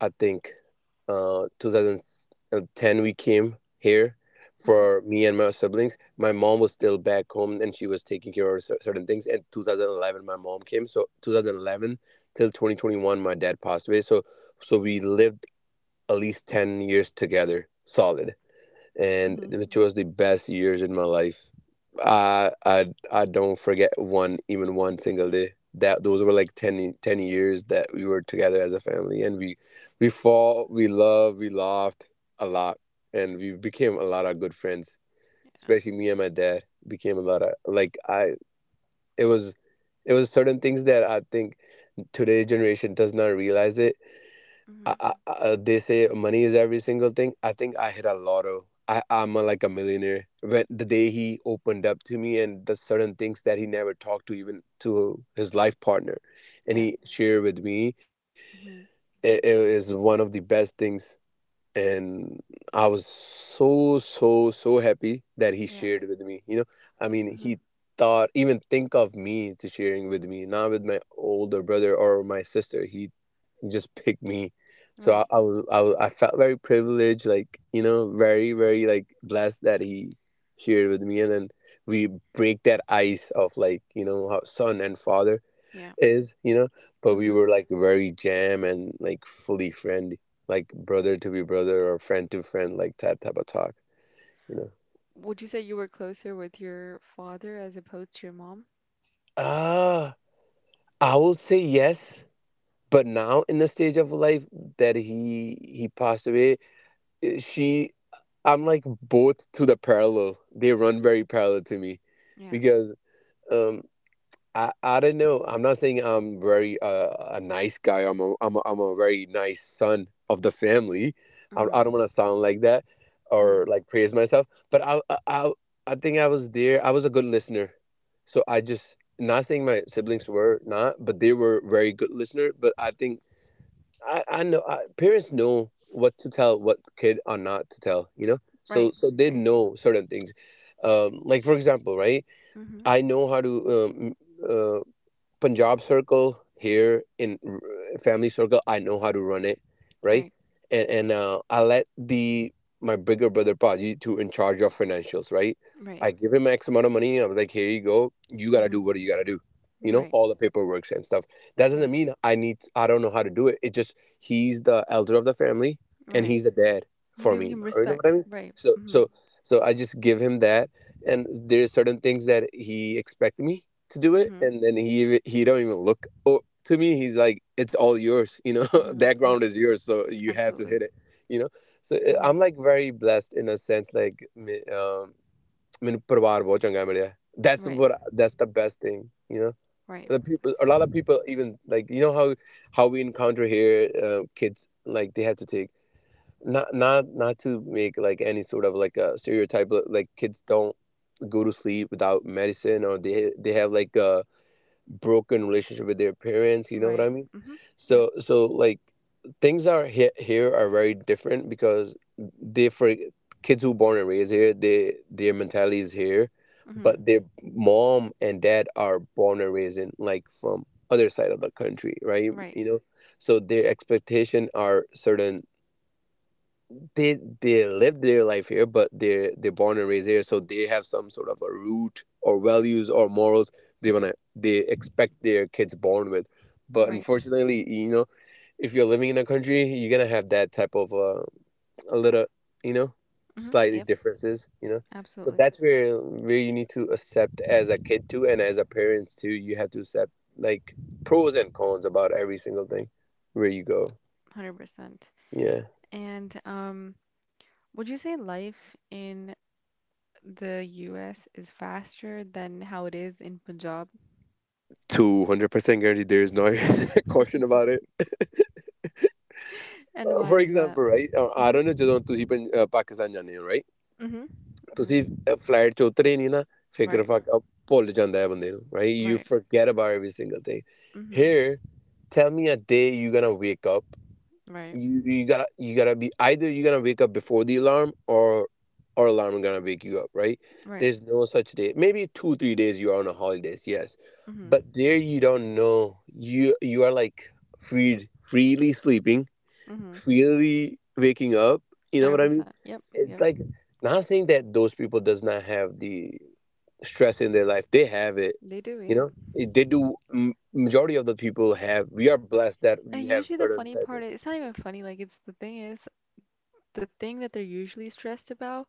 I think, 2010 we came here
Mm-hmm.
for me and my siblings. My mom was still back home and she was taking care of certain things. And 2011 my mom came. So 2011 till 2021 my dad passed away. So we lived at least 10 years together solid, and
Mm-hmm.
it was the best years in my life. I don't forget one even one single day. That those were like 10 years that we were together as a family, and we fought, we loved, we laughed a lot, and we became a lot of good friends.
Yeah.
Especially me and my dad became a lot of like, I. It was it was certain things that I think today's generation does not realize it.
Mm-hmm.
They say money is every single thing. I think I hit a lotto. I'm like a millionaire. When the day he opened up to me, and the certain things that he never talked to, even to his life partner, and
Yeah.
he shared with me,
Mm-hmm.
it is one of the best things. And I was so so so happy that he
Yeah.
shared with me. You know, I mean,
Mm-hmm.
he thought even think of me to sharing with me, not with my older brother or my sister. He just picked me. So
Right.
I felt very privileged, like, you know, very, very like blessed that he shared with me. And then we break that ice of like, how son and father
Yeah.
is, but we
Mm-hmm.
were like very jam and like fully friend, like brother to be brother or friend to friend, like that type of talk, you know.
Would you say you were closer with your father as opposed to your mom?
Uh, I will say yes, but now in the stage of life that he passed away, eh, she I'm like both to the parallel. They run very parallel to me
Yeah.
because um I don't know. I'm not saying I'm very a nice guy. I'm a very nice son of the family. I
Mm-hmm.
don't want to sound like that
Mm-hmm.
or like praise myself, but I think I was there. I was a good listener. So I just not saying my siblings were not, but they were very good listener, but I think I know I, parents know what to tell what kid or not to tell you know so
Right.
so they
Right.
know certain things, like, for example, right.
Mm-hmm.
I know how to uh, Punjab circle here in family circle. I know how to run it, right?
Right.
And I let the my bigger brother Paji to in charge of financials, right?
Right.
I give him X amount of money. I was like, here you go. You gotta do
Mm-hmm.
what you gotta do.
Right.
All the paperwork and stuff. That
Yep.
doesn't mean I need. I don't know how to do it. It just he's the elder of the family and
Right.
he's a dad
You're
for
giving
me.
him
You know what I
respect.
mean?
Right.
So
Mm-hmm.
so so I just give him that. And there's certain things that he expect me to do it,
Mm-hmm.
and then he don't even look to me. He's like, it's all yours.
Mm-hmm.
That
Yep.
ground is yours, so you have to
Absolutely.
hit it, you know. So
Mm-hmm.
I'm like very blessed in a sense, like ਮੈਨੂੰ ਪਰਿਵਾਰ ਬਹੁਤ ਚੰਗਾ ਮਿਲਿਆ। That's
Right.
what that's the best thing, you know.
Right.
The people, a lot of people, even like, you know how we encounter here, kids, like, they have to take, not to make like any sort of like a stereotype, but like kids don't go to sleep without medicine, or they have like broken relationship with their parents. You know what I
Right.
mean?
Mm-hmm. Yep.
So, like, things are here are very different, because they kids who born and raised here, they their mentality is here,
Mm-hmm.
but their mom and dad are born and raised in like from other side of the country, right,
Right.
so their expectation are certain. They live their life here, but they're born and raised here, so they have some sort of a root or values or morals, they expect their kids born with. But
Right.
unfortunately, if you're living in a country, you're gonna have that type of a little, you know,
Mm-hmm.
slightly
Yep.
differences. So
Absolutely.
that's where you need to accept as a kid too, and as a parents too, you have to accept, like, pros and cons about every single thing where you go.
100%.
Yeah.
And would you say life in the US is faster than how it is in Punjab?
200% guaranteed. There is no caution about it.
And why
For
is that?
example, right? I don't know,
Mm-hmm.
ਜਦੋਂ ਤੁਸੀਂ ਪੰਜ- ਅਹ ਪਾਕਿਸਤਾਨ ਜਾਂਦੇ ਹੋ, right?
Mm-hmm.
ਤੁਸੀਂ
Mm-hmm.
Flight 'ਚ ਉਤਰੇ ਨਹੀਂ ਨਾ ਫਿਕਰ
Right.
ਫਾਕ ਅਹ ਭੁੱਲ ਜਾਂਦਾ ਹੈ ਬੰਦੇ ਨੂੰ, right? You
Right.
forget about every single thing
Mm-hmm.
here. Tell me a day you're gonna wake up.
Right.
You gotta be, either you're gonna wake up before the alarm, or alarm is gonna wake you up, right?
Right.
There's no such day. Maybe 2 or 3 days you are on a holidays, yes,
Mm-hmm.
but there you don't know, you are like freed freely sleeping,
Mm-hmm.
freely waking up. You know what I mean?
100%. Yep.
It's
Yep.
like, not saying that those people does not have the stress in their life, they have it
They do,
you
yeah.
know They do majority of the people have we are blessed that we
And
have
usually, the
certain
funny
type of.
part is, it's not even funny, like, it's the thing is, the thing that they're usually stressed about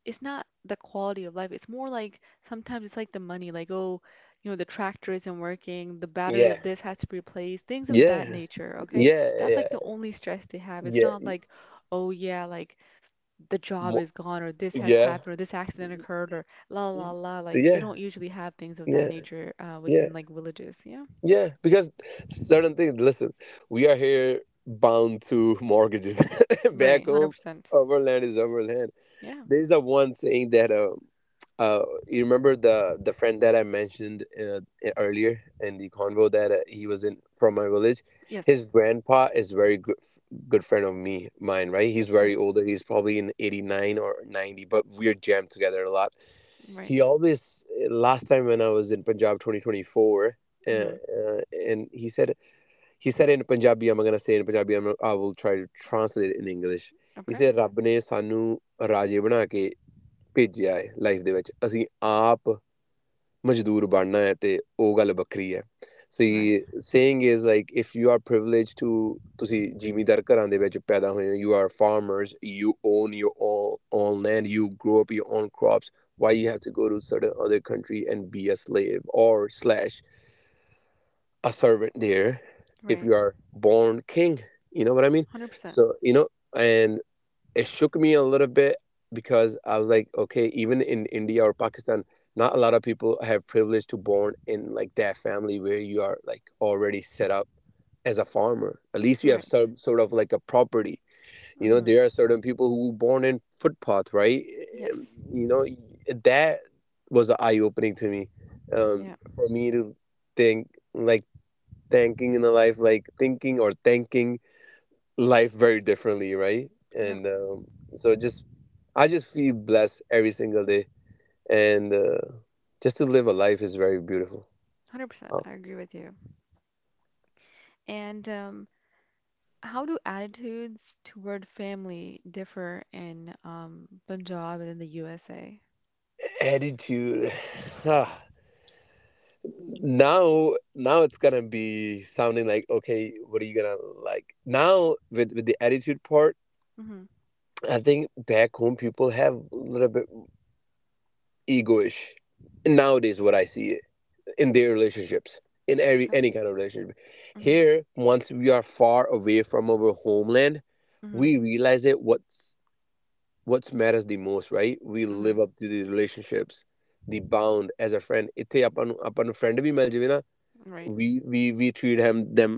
is not the quality of life. It's more like sometimes it's like the money, like, oh, you know, the tractor isn't working, the battery
Yeah.
of this has to be replaced, things of that
Yeah,
nature, okay?
yeah, yeah,
That's
yeah,
like the only stress they have. It's
yeah.
not like, oh yeah, like the job is
mo-
gone, or this has
yeah,
happened, or this accident occurred, or la la la, like, they
yeah,
don't usually have things of that
yeah,
nature
yeah,
within like villages. Yeah.
yeah. Because certain things. Listen, we are here bound to mortgages.
Right.
Back home,
100%.
our land is our land.
Yeah.
There's a one saying that uh you remember the friend that I mentioned, earlier in the convo, that he was in from my village.
Yes.
His grandpa is very good friend of me mine, right? He's very
Right.
older. He's probably in 89 or 90, but we're jammed together a lot.
Right.
He always last time when I was in Punjab 2024.
Mm-hmm.
And he said, in Punjabi. I'm gonna say in Punjabi. I will try to translate it in English. He
Okay.
said, "Rab ne sanu raje bana ke ਭੇਜਿਆ ਹੈ life ਦੇ ਵਿੱਚ ਅਸੀਂ ਆਪ ਮਜ਼ਦੂਰ ਬਣਨਾ ਹੈ ਤੇ ਉਹ ਗੱਲ ਵੱਖਰੀ ਹੈ so
Right.
Saying is like if you are privilege to ਤੁਸੀਂ ਜ਼ਿਮੀਂਦਾਰ ਘਰਾਂ ਦੇ ਵਿੱਚ ਪੈਦਾ ਹੋਏ ਹੋ you are farmers you own your own own land you grow up your own crops why you have to go to certain other country and be a slave or slash a servant there, if
Right.
you are born king." You know what I mean?
100%.
So you know and it shook me a little bit, because I was like, okay, even in India or Pakistan, not a lot of people have privilege to born in like that family where you are like already set up as a farmer. At least you have
Right.
some sort of like a property. You know,
Mm-hmm.
there are certain people who born in footpath, right? Um,
Yes.
You know, that was eye opening to me.
Yeah.
For me to think, like, thanking in the life, like, thinking or thanking life very differently, right?
Yep.
And so just I just feel blessed every single day, and just to live a life is very beautiful.
100%.
Uh,
I agree with you. And how do attitudes toward family differ in Punjab and in the USA?
Attitude. Ah, now, it's gonna be sounding like, okay. What are you gonna, like, now with the attitude part?
Mm-hmm.
I think back home people have a little bit egoish nowadays. What I see in their relationships, in every
Okay.
any kind of relationship
Mm-hmm.
here, once we are far away from our homeland,
Mm-hmm.
we realize it what's matters the most, right? We
Mm-hmm.
live up to the relationships, the bound as a friend, ਇੱਥੇ apan apan friend bhi mil ਜਾਵੇ na,
Right.
we we treat him them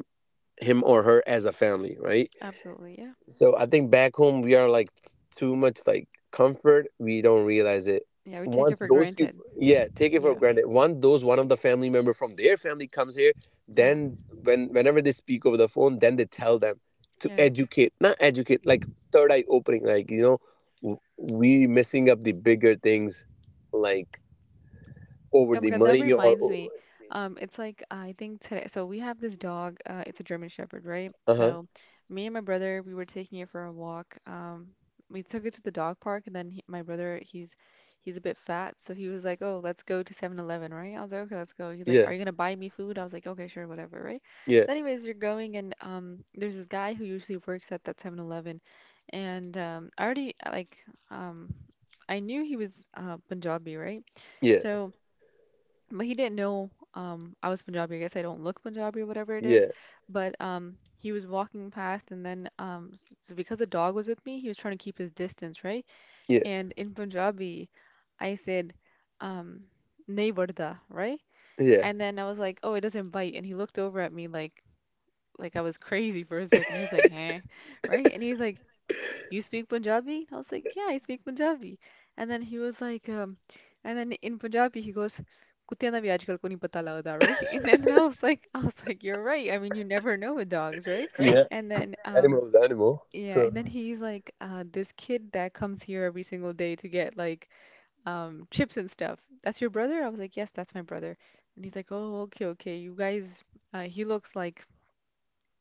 him or her as a family, right?
Absolutely, yeah.
So I think back home we are like too much like comfort. We don't realize it.
Yeah, we take it
Once
for
those
granted.
people, yeah, take it for
Yeah,
granted. Once those one of the family member from their family comes here,
yeah,
then whenever they speak over the phone, then they tell them to
yeah.
educate, not educate, like, third eye opening, like, we missing up the bigger things, like, over
Oh
the
my God, that
money, or,
reminds me. It's like, I think today. So we have this dog. It's a German Shepherd, right?
uh huh,
So me and my brother, we were taking it for a walk. We took it to the dog park, and then he, my brother, he's a bit fat, so he was like, "Oh, let's go to 7-Eleven, right?" I was like, "Okay, let's go." He's like,
yeah,
"Are you gonna buy me food?" I was like, "Okay, sure, whatever, right?"
yeah,
So anyways, you're going, and there's this guy who usually works at that 7-Eleven, and I already like um, I knew he was Punjabi, right?
yeah,
So but he didn't know I was Punjabi. I guess I don't look Punjabi or whatever it is,
yeah,
but he was walking past, and then so because the dog was with me, he was trying to keep his distance, right?
yeah,
And in Punjabi, I said, um nahi vardha, right?
yeah,
And then I was like, "Oh, it doesn't bite." And he looked over at me like, I was crazy for a second. He was like, "Huh?" Right? And he's like, you speak Punjabi? And I was like, yeah, I speak Punjabi. And then he was like, and then in Punjabi he goes, कुत्तियां दा भी आजकल को नहीं पता लगदा, right? And then I was like, I was like, you're right. I mean, you never know with dogs, right?
yeah.
And then,
Animal is animal,
yeah,
so
and then he's like, this kid that comes here every single day to get, like, chips and stuff. That's your brother? I was like, yes, that's my brother. And he's like, oh, okay, okay. You guys, he looks like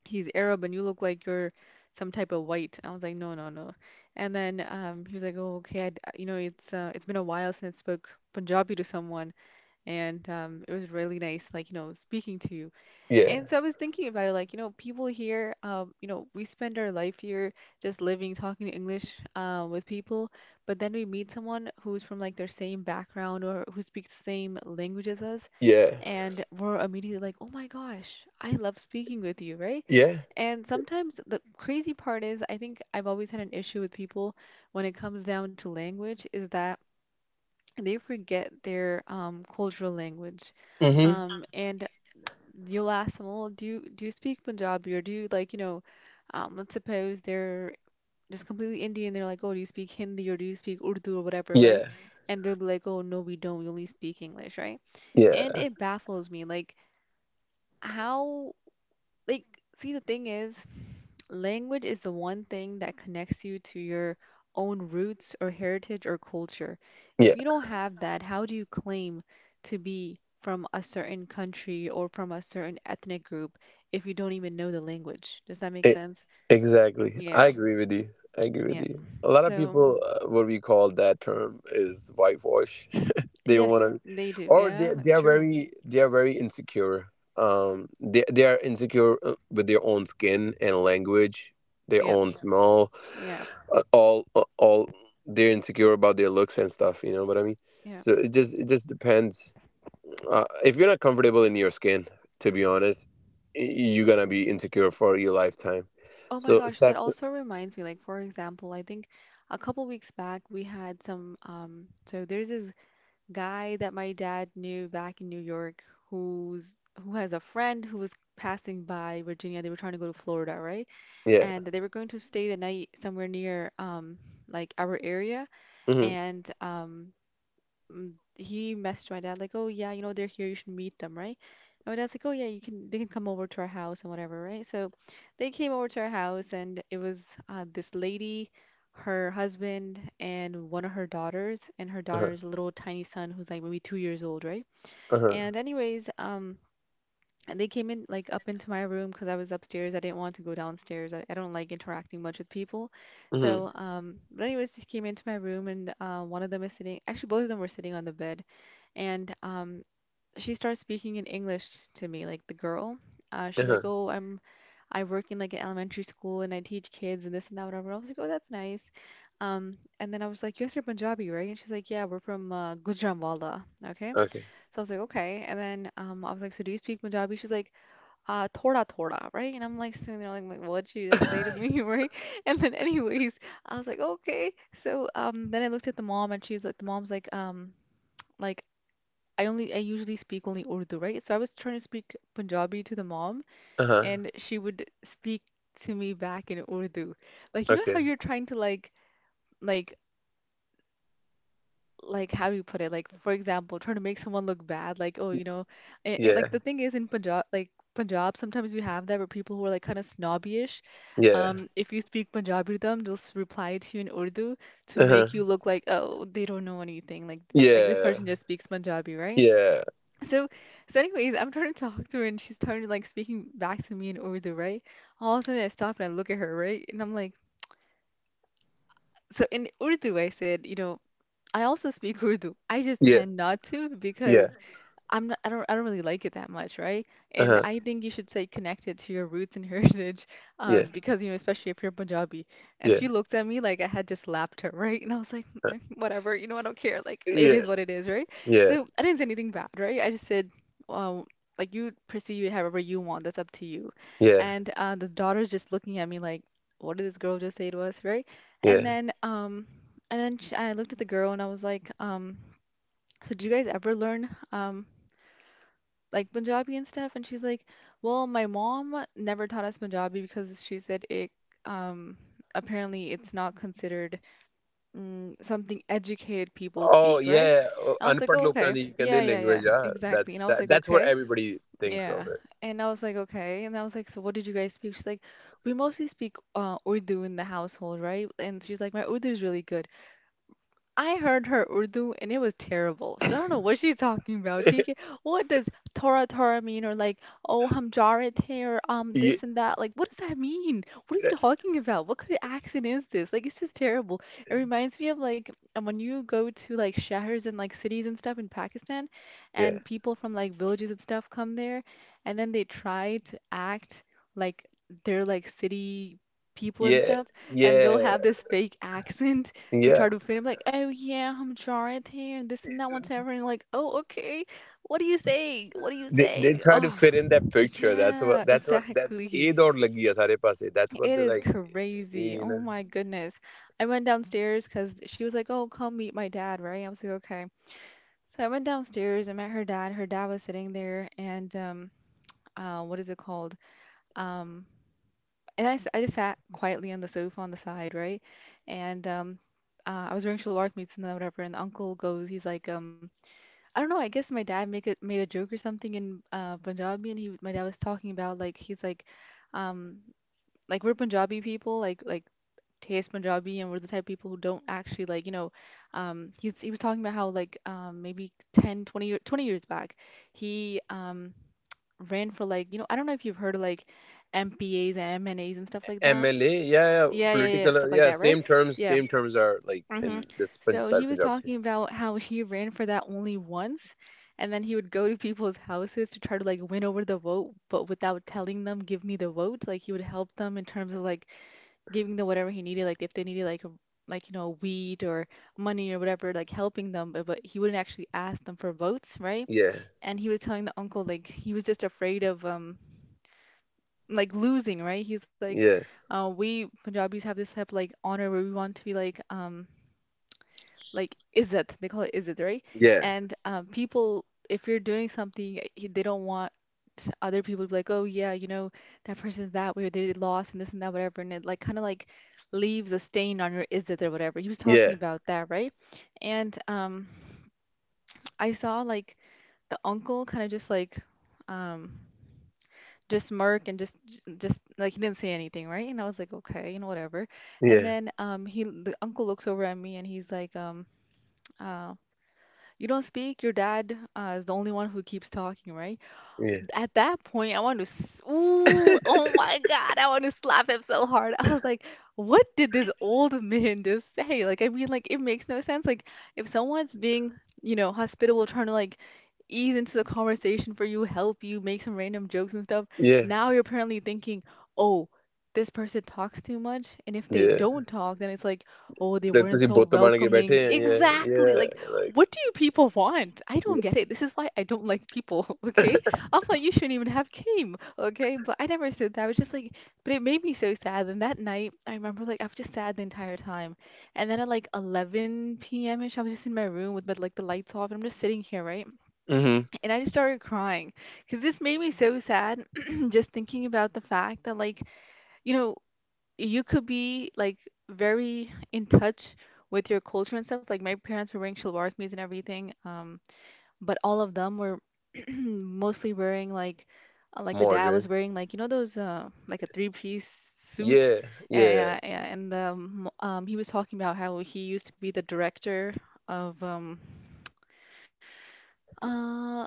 he's Arab and you look like you're some type of white. I was like, no, no, no. And then he was like, oh, okay, I d you know, it's been a while since I spoke Punjabi to someone, and it was really nice, like, you know, speaking to you.
yeah.
And so I was thinking about it, like, you know, people here, you know, we spend our life here just living, talking English with people, but then we meet someone who's from like their same background or who speaks the same language as us,
Yeah.
and we're immediately like, oh my gosh, I love speaking with you, right?
Yeah.
And sometimes the crazy part is, I think I've always had an issue with people when it comes down to language, is that they forget their cultural language.
Mm-hmm.
And you'll ask them, well, do you speak Punjabi, or do you, like, you know, let's suppose they're just completely Indian. They're like, oh, do you speak Hindi or do you speak Urdu or whatever, right?
Yeah.
And they'll be like, oh, no, we don't. We only speak English, right? And
Yeah.
it baffles me, like, how, like, see, the thing is, language is the one thing that connects you to your own roots or heritage or culture. If
Yeah.
you don't have that, how do you claim to be from a certain country or from a certain ethnic group, if you don't even know the language? Does that make
E-
sense?
exactly. I
Yeah,
agree with you. I agree with
yeah.
you. A lot of
So
people, what we call that term is whitewash. They want
yes,
to,
they do.
or
Yeah,
they they
it's
are
true.
very they are very insecure. They are insecure, with their own skin and language, their
Yep.
own smell,
Yeah,
all they're insecure about their looks and stuff. You know what I mean?
yeah.
So it just depends. If you're not comfortable in your skin, to be honest, you're gonna be insecure for your lifetime.
Oh my
So
gosh, that
accept.
also reminds me. Like, for example, I think a couple weeks back we had some, so there's this guy that my dad knew back in New York, who's who has a friend who was passing by Virginia. They were trying to go to Florida, right?
Yeah.
And they were going to stay the night somewhere near, like, our area,
Mm-hmm.
and he messaged my dad like, "Oh yeah, you know, they're here. You should meet them, right?" And my dad's like, "Oh yeah, you can. They can come over to our house and whatever, right?" So they came over to our house, and it was, this lady, her husband, and one of her daughters, and her
Uh-huh.
daughter's little tiny son who's like maybe 2 years old, right?
Uh-huh.
And anyways. And they came in like up into my room because I was upstairs. I didn't want to go downstairs. I don't like interacting much with people.
Mm-hmm.
So, but anyways, they came into my room, and one of them is sitting, actually both of them were sitting on the bed, and she starts speaking in English to me, like, the girl. She's like,
Uh-huh.
"Oh, I work in, like, an elementary school and I teach kids and this and that whatever." I was like, "Oh, that's nice." And then I was like, "You guys are Punjabi, right?" And she's like, "Yeah, we're from Gujranwala." Okay,
Okay.
so I was like, "Okay." And then I was like, "So do you speak Punjabi?" She's like, Thoda thoda," right? And I'm like sitting there like, "What did you just say to me," right? And then anyways, I was like, "Okay." So then I looked at the mom, and she's like, the mom's like. Like, I usually speak only Urdu, right? So I was trying to speak Punjabi to the mom,
Uh-huh.
and she would speak to me back in Urdu. Like, you know
Okay.
how you're trying to, like, like how do you put it? Like, for example, trying to make someone look bad, like, oh, you know, and
Yeah.
like, the thing is in Punjab, like Punjab, sometimes you have that where people who are like kind of snobbyish,
Yeah.
if you speak Punjabi to them, they'll reply to you in Urdu to make you
Uh-huh.
look like, oh, they don't know anything, like this
Yeah.
person just speaks Punjabi, right?
Yeah.
So, so anyways, I'm trying to talk to her, and she's trying to, like, speaking back to me in Urdu, right? All of a sudden I stop and I look at her, right? And I'm like, so in Urdu I said, you know, I also speak Urdu. I just
Yeah.
tend not to,
Yeah.
because I'm not, I don't really like it that much, right? And
Uh-huh.
I think you should say connected to your roots and heritage,
Yeah.
because you know, especially if you're Punjabi. And
Yeah.
she looked at me like I had just slapped her, right? And I was like,
Uh,
whatever, you know, I don't care. Like it
Yeah.
is what it is, right?
Yeah.
So I didn't say anything bad, right? I just said, um, like you perceive it however you want. That's up to you.
Yeah.
And the daughter's just looking at me like, what did this girl just say to us, right? And
Yeah.
then um, and then I looked at the girl and I was like. So, do you guys ever learn, like Punjabi and stuff? And she's like, "Well, my mom never taught us Punjabi because she said it um apparently it's not considered something educated people
Oh
speak, right?"
yeah, oh,
I was like,
unpad
"Oh,
lokan
okay.
di kende
Yeah, yeah, yeah.
language ah.
Exactly."
That's
And I was
that,
like,
that's
"Okay.
what everybody thinks of
Yeah."
it.
And I was like, "Okay." And I was like, "So what did you guys speak?" She's like, "We mostly speak Urdu in the household, right?" And she's like, "My Urdu is really good." I heard her Urdu and it was terrible. So I don't know what she's talking about. TK, what does Tora Tora mean? Or like, oh, हम जा रहे थे or
Yeah,
this and that. Like, what does that mean? What are you talking about? What kind of accent is this? Like, it's just terrible. It reminds me of like when you go to like shahers and like cities and stuff in Pakistan,
yeah.
and people from like villages and stuff come there, and then they try to act like they're like city people and
Yeah,
stuff, and they'll
yeah,
have this fake accent to
yeah.
try to fit him like, oh yeah, I'm Jareth here and this and that, whatever. And like, oh okay, what are you saying? What are you
They
saying?
try to
Oh
fit in that picture.
yeah,
That's what that
exactly.
A dot lagi hai sare paase. That's what
It
they
is
like.
crazy.
You
Oh
know,
my goodness. I went downstairs because she was like, oh come meet my dad, right? I was like, okay. So I went downstairs. I met her dad. Her dad was sitting there, and what is it called? Um, and I just sat quietly on the sofa on the side, right? And I was wearing shalwar kameez and then whatever. And the uncle goes, he's like. I don't know. I guess my dad made a joke or something in Punjabi, and he my dad was talking about like he's um, like we're Punjabi people, like taste Punjabi, and we're the type of people who don't actually like, he was talking about how like maybe 10, 20, 20 years back, he ran for like, I don't know if you've heard of like MPAs and MNAs and stuff like that.
MLA, yeah, yeah,
Yeah, yeah, yeah, yeah,
political,
stuff like
yeah.
that, right?
Same terms,
Yeah,
same terms are like
hmm
in this
so he
side
was
Punjab too.
talking about how he ran for that only once, and then he would go to people's houses to try to like win over the vote, but without telling them, give me the vote. Like he would help them in terms of like giving them whatever he needed, like if they needed like wheat or money or whatever, like helping them, but he wouldn't actually ask them for votes, right?
Yeah,
And he was telling the uncle like he was just afraid of like losing, right? He's like,
yeah,
we Punjabis have this type of like honor where we want to be like izzat, they call it izzat, right?
yeah,
And people, if you're doing something they don't want other people to be like, oh yeah, you know, that person's that way or they lost and this and that, whatever, and it like kind of like leaves a stain on your izzat or whatever. He was talking
yeah,
about that, right? And I saw like the uncle kind of just like um just smirk and just like he didn't say anything, right? And I was like, okay, you know, whatever. And
yeah,
then he the uncle looks over at me and he's like, uh you don't speak, your dad is the only one who keeps talking, right?
yeah,
At that point, I want to, ooh, oh my God, I want to slap him so hard. I was like, what did this old man just say? Like, I mean, like, it makes no sense. Like, if someone's being hospitable, trying to like ease into the conversation for you, help you, make some random jokes and stuff,
yeah,
now you're apparently thinking, oh, this person talks too much. And if they
yeah.
don't talk, then it's like, oh, they
Like तुसी
weren't so
बुत बन के बैठे
welcoming.
हैं. Yeah,
Exactly.
yeah,
Like,
like,
what do you people want? I
yeah.
don't get it. This is why I don't like people, okay? I'm like, you shouldn't even have came, okay? But I never said that. I was just like, but it made me so sad. And that night, I remember like I was just sad the entire time. And then at like 11 p.m. ish, I was just in my room with my, like the lights off, and I'm just sitting here, right?
Mm-hmm.
And I just started crying because this made me so sad, just thinking about the fact that like you know you could be like very in touch with your culture and stuff. Like my parents were wearing shalwar kameez and everything. But all of them were mostly wearing like the dad was
Margin.
wearing like those like a three-piece suit,
Yeah,
yeah,
yeah.
yeah, yeah. And he was talking about how he used to be the director of uh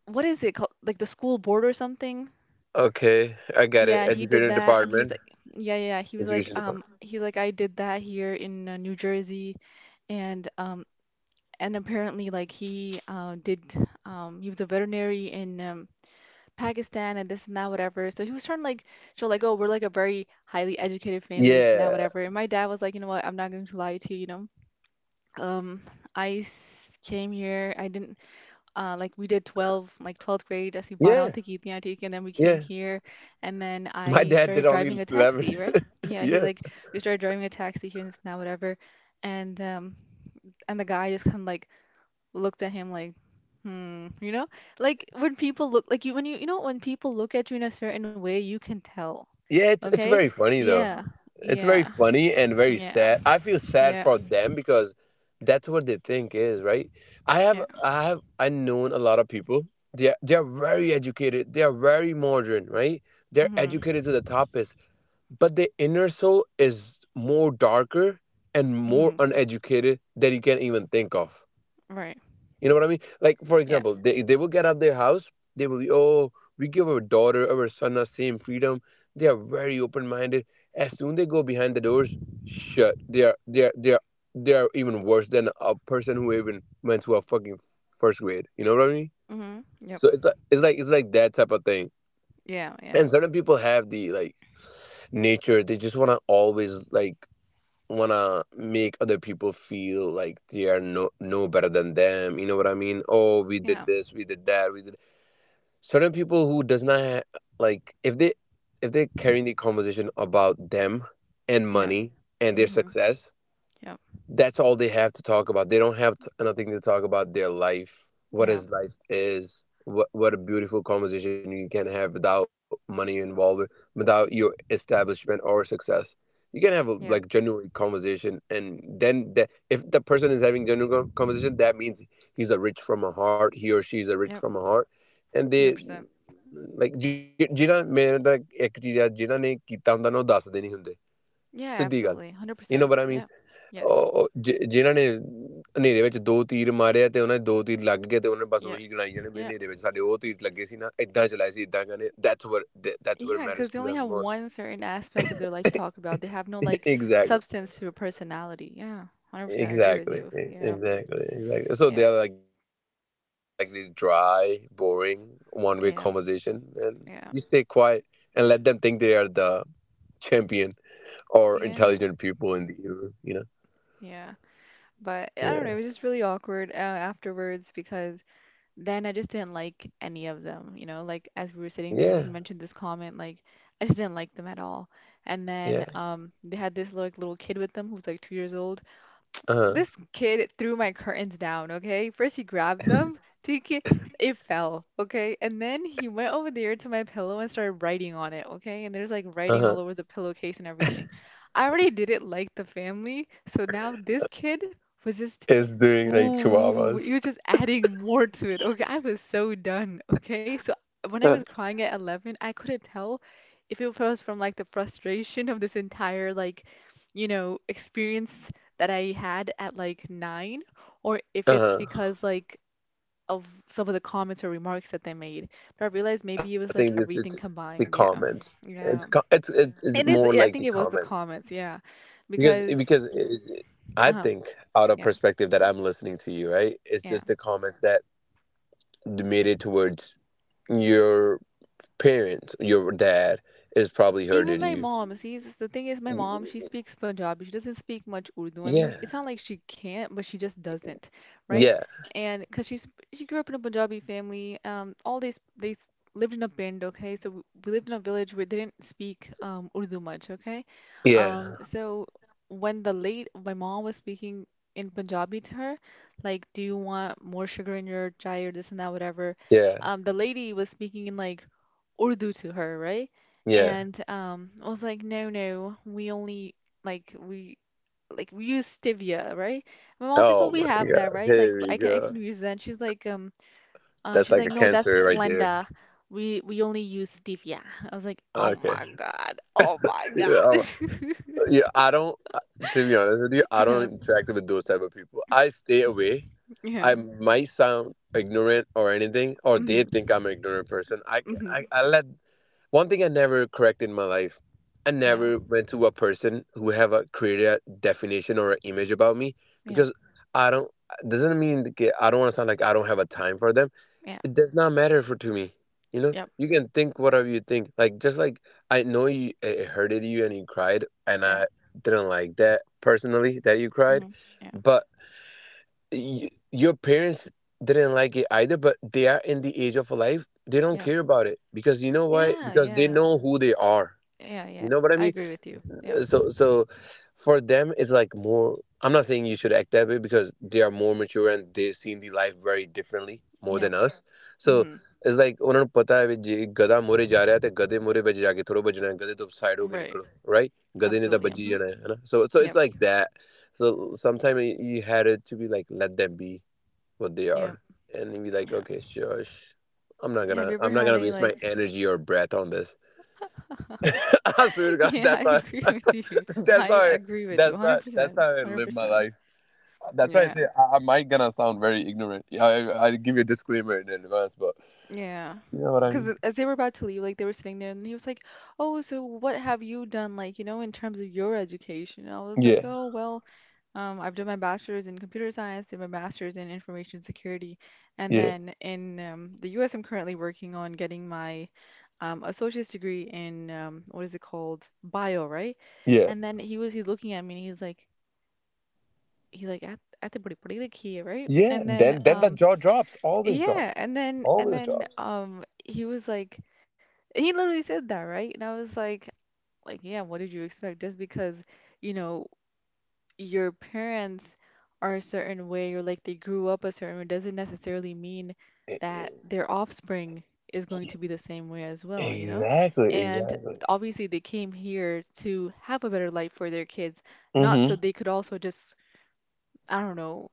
what is it called, like the school board or something.
Okay, I get it.
Yeah, he did
Education
that, and he was
department.
like, yeah, yeah, yeah. He was like,
Education department.
he's like, I did that here in New Jersey, and apparently like he did he was a veterinary in Pakistan and this and that, whatever. So he was trying to like show like, oh, we're like a very highly educated family, this and that,
Yeah,
whatever. And my dad was like, you know what, I'm not going to lie to you, you know. Um, I came here. I didn't, like, we did 12 like 12th grade as Bana
yeah,
Antique, and then we came
yeah.
here, and then
My
I
dad did
started
only
driving a
11.
taxi, right? Yeah, he
yeah,
like, we started driving a taxi here and this and that, whatever. And the guy just kind of like looked at him like, hmm, you know? Like when people look like you, when people look at you in a certain way, you can tell.
yeah. It's
Okay?
very funny though.
Yeah.
It's
Yeah.
very funny and very
Yeah.
sad. I feel sad
Yeah.
for them because that's what they think is right. I
Yeah.
have I have I known a lot of people. They are very educated. They are very modern, right? They're
Mhm.
educated to the topest, but the inner soul is more darker and
Mhm.
more uneducated than you can even think of.
Right.
You know what I mean? Like, for
Yeah.
example, they will get out their house. They will be, oh, we give our daughter, our son, our same freedom. They are very open minded. As soon they go behind the doors, shut. They are even worse than a person who even went to a fucking first grade. You know what I mean?
Mhm. Yep.
So it's like that type of thing.
Yeah, yeah.
And certain people have the like nature. They just wanna always like wanna make other people feel like they are no better than them, you know what I mean? Oh, we
Yeah.
did this, we did that, we did certain people who does not like, if they're carrying the conversation about them and
Yeah.
money and their
Mhm.
success,
Yep.
that's all they have to talk about. They don't have t nothing to talk about their life. What
Yeah.
his life is, what a beautiful conversation you can have without money involved, without your establishment or success. You can have a
Yeah.
like genuine conversation, and then that if the person is having genuine conversation, that means he's a rich from a heart, he or she is a
Yep.
rich from a heart, and they
100%.
like ਜਿਨ੍ਹਾਂ ਮੈਂ ਤਾਂ ਇੱਕ ਚੀਜ਼ ਆ ਜਿਨ੍ਹਾਂ ਨੇ ਕੀਤਾ ਹੁੰਦਾ ਨਾ ਉਹ ਦੱਸਦੇ ਨਹੀਂ ਹੁੰਦੇ
Yeah,
ਸਿੱਧੀ ਗੱਲ,
absolutely.
you know what
100%.
I mean,
Yeah. Yes.
ਉਹ ਜਿਨ੍ਹਾਂ ਨੇ ਹਨੇਰੇ ਵਿੱਚ ਦੋ ਤੀਰ ਮਾਰਿਆ ਤੇ ਉਹਨਾਂ ਦੇ ਦੋ ਤੀਰ ਲੱਗ ਗਏ ਤੇ ਉਹਨਾਂ ਨੇ ਬਸ
Yes.
ਉਹੀ ਗਿਣਾਈ ਜਾਣੇ ਵੀ
Yeah.
ਹਨੇਰੇ ਵਿੱਚ ਸਾਡੇ ਉਹ ਤੀਰ ਲੱਗੇ ਸੀ ਨਾ ਇਦਾਂ ਚਲਾਏ ਸੀ ਇਦਾਂ ਕਹਿੰਦੇ ਦੈਟਸ ਵਰ
Yeah, because they
matters to
only have
them most.
one certain aspect of their life to talk about. They have no like
Exactly,
substance to a personality. Yeah, 100% I agree with
exactly,
you. Yeah,
exactly, exactly, so
yeah,
they're like more like this dry, boring, one way conversation,
yeah,
and you stay
yeah,
quiet and let them think they are the champion or intelligent
yeah,
people in the room, you know?
yeah. But I
Yeah,
don't know, it was just really awkward afterwards because then I just didn't like any of them, like as we were sitting there and he
yeah,
mentioned this comment, like I just didn't like them at all. And then
yeah.
they had this like little kid with them who's like 2 years old.
Uh-huh,
This kid threw my curtains down, okay? First he grabbed them, so it fell, okay? And then he went over there to my pillow and started writing on it, okay? And there's like writing all
uh-huh.
over the pillowcase and everything. I already didn't like the family, so now this kid was just.
It's doing like
Ooh,
chihuahuas.
you're just adding more to it. Okay, I was so done. Okay, so when I
Uh,
was crying at 11, I couldn't tell if it was from like the frustration of this entire like experience that I had at like 9, or if it's
uh,
because like of some of the comments or remarks that they made. But I realized
I
maybe it
think
was
it's,
like
it's
everything
it's the
combined. Yeah.
comments. It's co-
Yeah.
it's
It
more
is,
like
I
the
think it was
comments.
the comments. Yeah.
Because eh,
Because,
because it- I
uh-huh.
think out of
Yeah.
perspective that I'm listening to you, right? It's
Yeah.
just the comments that made it towards your parents. Your dad is probably
Even
hurted
my
you.
mom, see, the thing is, my mom, she speaks Punjabi. She doesn't speak much Urdu. I mean,
Yeah,
it's not like she can't, but she just doesn't, right?
yeah,
And because she grew up in a Punjabi family, all these, lived in a bend, okay? So we lived in a village where they didn't speak Urdu much, okay?
yeah,
So when the late my mom was speaking in Punjabi to her, like, do you want more sugar in your chai or this and that, whatever?
yeah,
The lady was speaking in like Urdu to her, right?
yeah.
And I was like, no, no, we only, like we like we use stevia, right? My mom was like, oh,
Oh
we
my
have that,
god,
right? Like,
here we
I can I
go.
can use that. And she's like,
That's like a
no, that's
cancer right there.
Splenda. We only use stevia. I was like, oh
Okay.
my God, oh my
Yeah.
God.
Yeah, I don't. To be honest with you, I
Yeah,
don't interact with those type of people. I stay away.
yeah.
I might sound ignorant or anything, or they
Hmm.
think I'm an ignorant person. I, c- I,
Hmm.
I let one thing I never correct in my life. I
Yeah,
never went to a person who have a created a definition or an image about me,
yeah,
because I don't. Doesn't mean that I don't want to sound like I don't have a time for them,
yeah,
it does not matter for to me. You know,
yep,
you can think whatever you think. Like just like I know you, it hurted you and you cried, and
yeah.
I didn't like that personally that you cried,
Hmm. Yeah,
but y your parents didn't like it either. But they are in the age of life; they don't
yeah,
care about it, because you know why?
yeah,
Because they
yeah,
know who they are.
yeah, yeah.
You know what I
I
mean?
agree with you. Yeah,
So for them it's like more. I'm not saying you should act that way because they are more mature and they've seen the life very differently more
yeah.
than us.
Hmm.
So it's like ਉਹਨਾਂ ਨੂੰ ਪਤਾ ਹੈ ਵੀ ਜੇ ਗਧਾ ਮੋਰੇ ਜਾ ਰਿਹਾ ਤੇ ਗਧੇ ਮੋਰੇ ਵਿੱਚ ਜਾ ਕੇ ਥੋੜਾ ਬਚਣਾ ਹੈ ਗਧੇ ਤੋਂ ਸਾਈਡ ਹੋ ਕੇ
Right.
ਨਿਕਲੋ, ਰਾਈਟ, ਗਧੇ ਨੇ ਤਾਂ
Absolutely.
ਵੱਜੀ
Hmm.
ਜਾਣਾ ਹੈ ਹਨਾ, so
Yep.
It's like that, so sometime you had it to be like let them be what they are,
Yep.
and be like,
Yeah.
okay, shush, i'm not gonna
Have you ever
i'm not
had
gonna
any
waste my
like
energy or breath on this. I swear to God,
yeah, I
that's how
agree with you.
that's how
I
I,
agree with you
that's
100%.
how I live my
100%.
life. That's why I
Yeah.
say, I might gonna sound very ignorant. Yeah, I give you a disclaimer in advance, but
Yeah.
you know what I
Because
mean.
as they were about to leave, like they were sitting there, and he was like, "Oh, so what have you done, like, you know, in terms of your education?" And I was like,
Yeah,
"Oh, well, I've done my bachelor's in computer science, did my master's in information security, and
yeah,
then in the US, I'm currently working on getting my associate's degree in what is it called? Bio, right?"
yeah,
And then he's looking at me and he's like at the body like here, right?
yeah.
And then
Then the
um
jaw drops. Always drops.
yeah, and then and
Always
then
drops.
um he was like he literally said that, right? And I was like, yeah, what did you expect? Just because, you know your parents are a certain way or like they grew up a certain way, doesn't necessarily mean
E-
that
e-
their offspring is going
yeah.
to be the same way as well, you know?
Exactly.
And
Exactly.
obviously they came here to have a better life for their kids, not so
Mm-hmm.
they could also just, I don't know,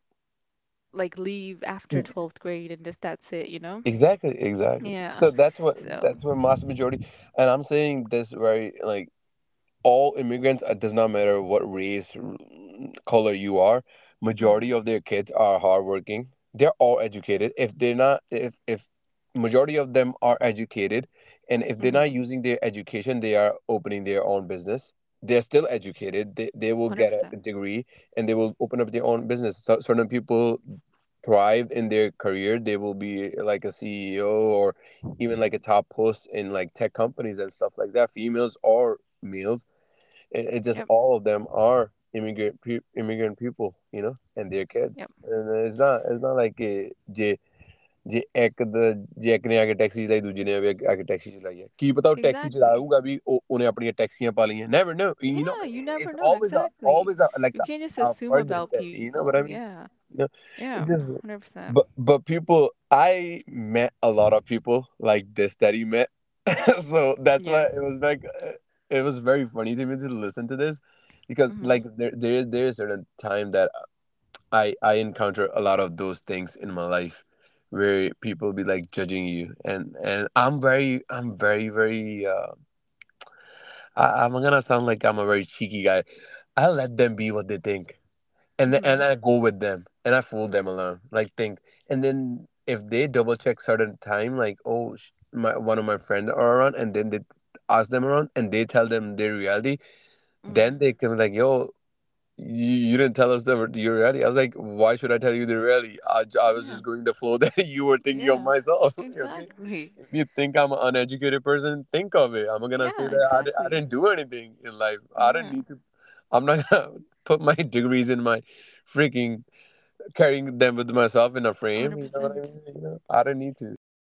like leave after 12th grade and just that's it, you know?
Exactly. Exactly.
Yeah.
So that's what
So,
that's what mass majority, and I'm saying this very like. All immigrants, it does not matter what color you are,
mm,
majority
mhm.
of their kids are hardworking, they're all educated, if they're not, if if majority of them are educated, and if
Mm.
they're not
Mhm.
using their education they are opening their own business, they're still educated, they will get a
100%.
degree and they will open up their own business. So, certain people thrive in their career, they will be like a ceo or even like a top post in like tech companies and stuff like that, females or males. It just,
Yep.
all of them are immigrant immigrant people, you know, and their kids.
Yep.
And it's not like it. Yeah, ਜੇ ਇੱਕ ਜੇ ਇੱਕ ਨੇ ਆ ਕੇ taxi ਚਲਾਈ ਦੂਜੇ ਨੇ ਵੀ ਆ ਕੇ ਟੈਕਸੀ ਚਲਾਈ ਹੈ ਕੀ ਪਤਾ ਉਹ ਟੈਕਸੀ
Exactly.
ਚਲਾਊਗਾ ਵੀ ਉਹ ਉਹਨੇ ਆਪਣੀਆਂ ਟੈਕਸੀਆਂ ਪਾ ਲਈਆਂ never know you نو,
Yeah, you
it's
never know.
Always always
Exactly.
Like
You can't
a
just assume
further
about
step, you know what
people.
I mean,
Yeah.
you know,
Yeah.
it just,
100%.
but people, I met a lot of people like this that he met. So that's why
Yeah.
it was like, it was very funny to me to listen to this, because
Mm-hmm.
like there is certain time that I encounter a lot of those things in my life where people be like judging you, and I'm very very, I'm gonna sound like I'm a very cheeky guy. I let them be what they think, and
Mm-hmm.
I go with them and I fool them alone like think. And then if they double check certain time, like, oh my, one of my friends are around, and then they ask them around and they tell them their reality,
Hmm.
then they can be like, yo, you didn't tell us the, your reality. I was like, why should I tell you the reality? I was just
Yeah.
going the flow that you were thinking of
Yeah.
myself. Okay.
Exactly.
If you think I'm an uneducated person, think of it. I'm not going to say
Yeah,
that I
exactly.
didn't do anything in life. I didn't
Yeah.
need to. I'm not going to put my degrees in my freaking, carrying them with myself in a frame. You know what I
100%.
mean? You know, I didn't need to. Only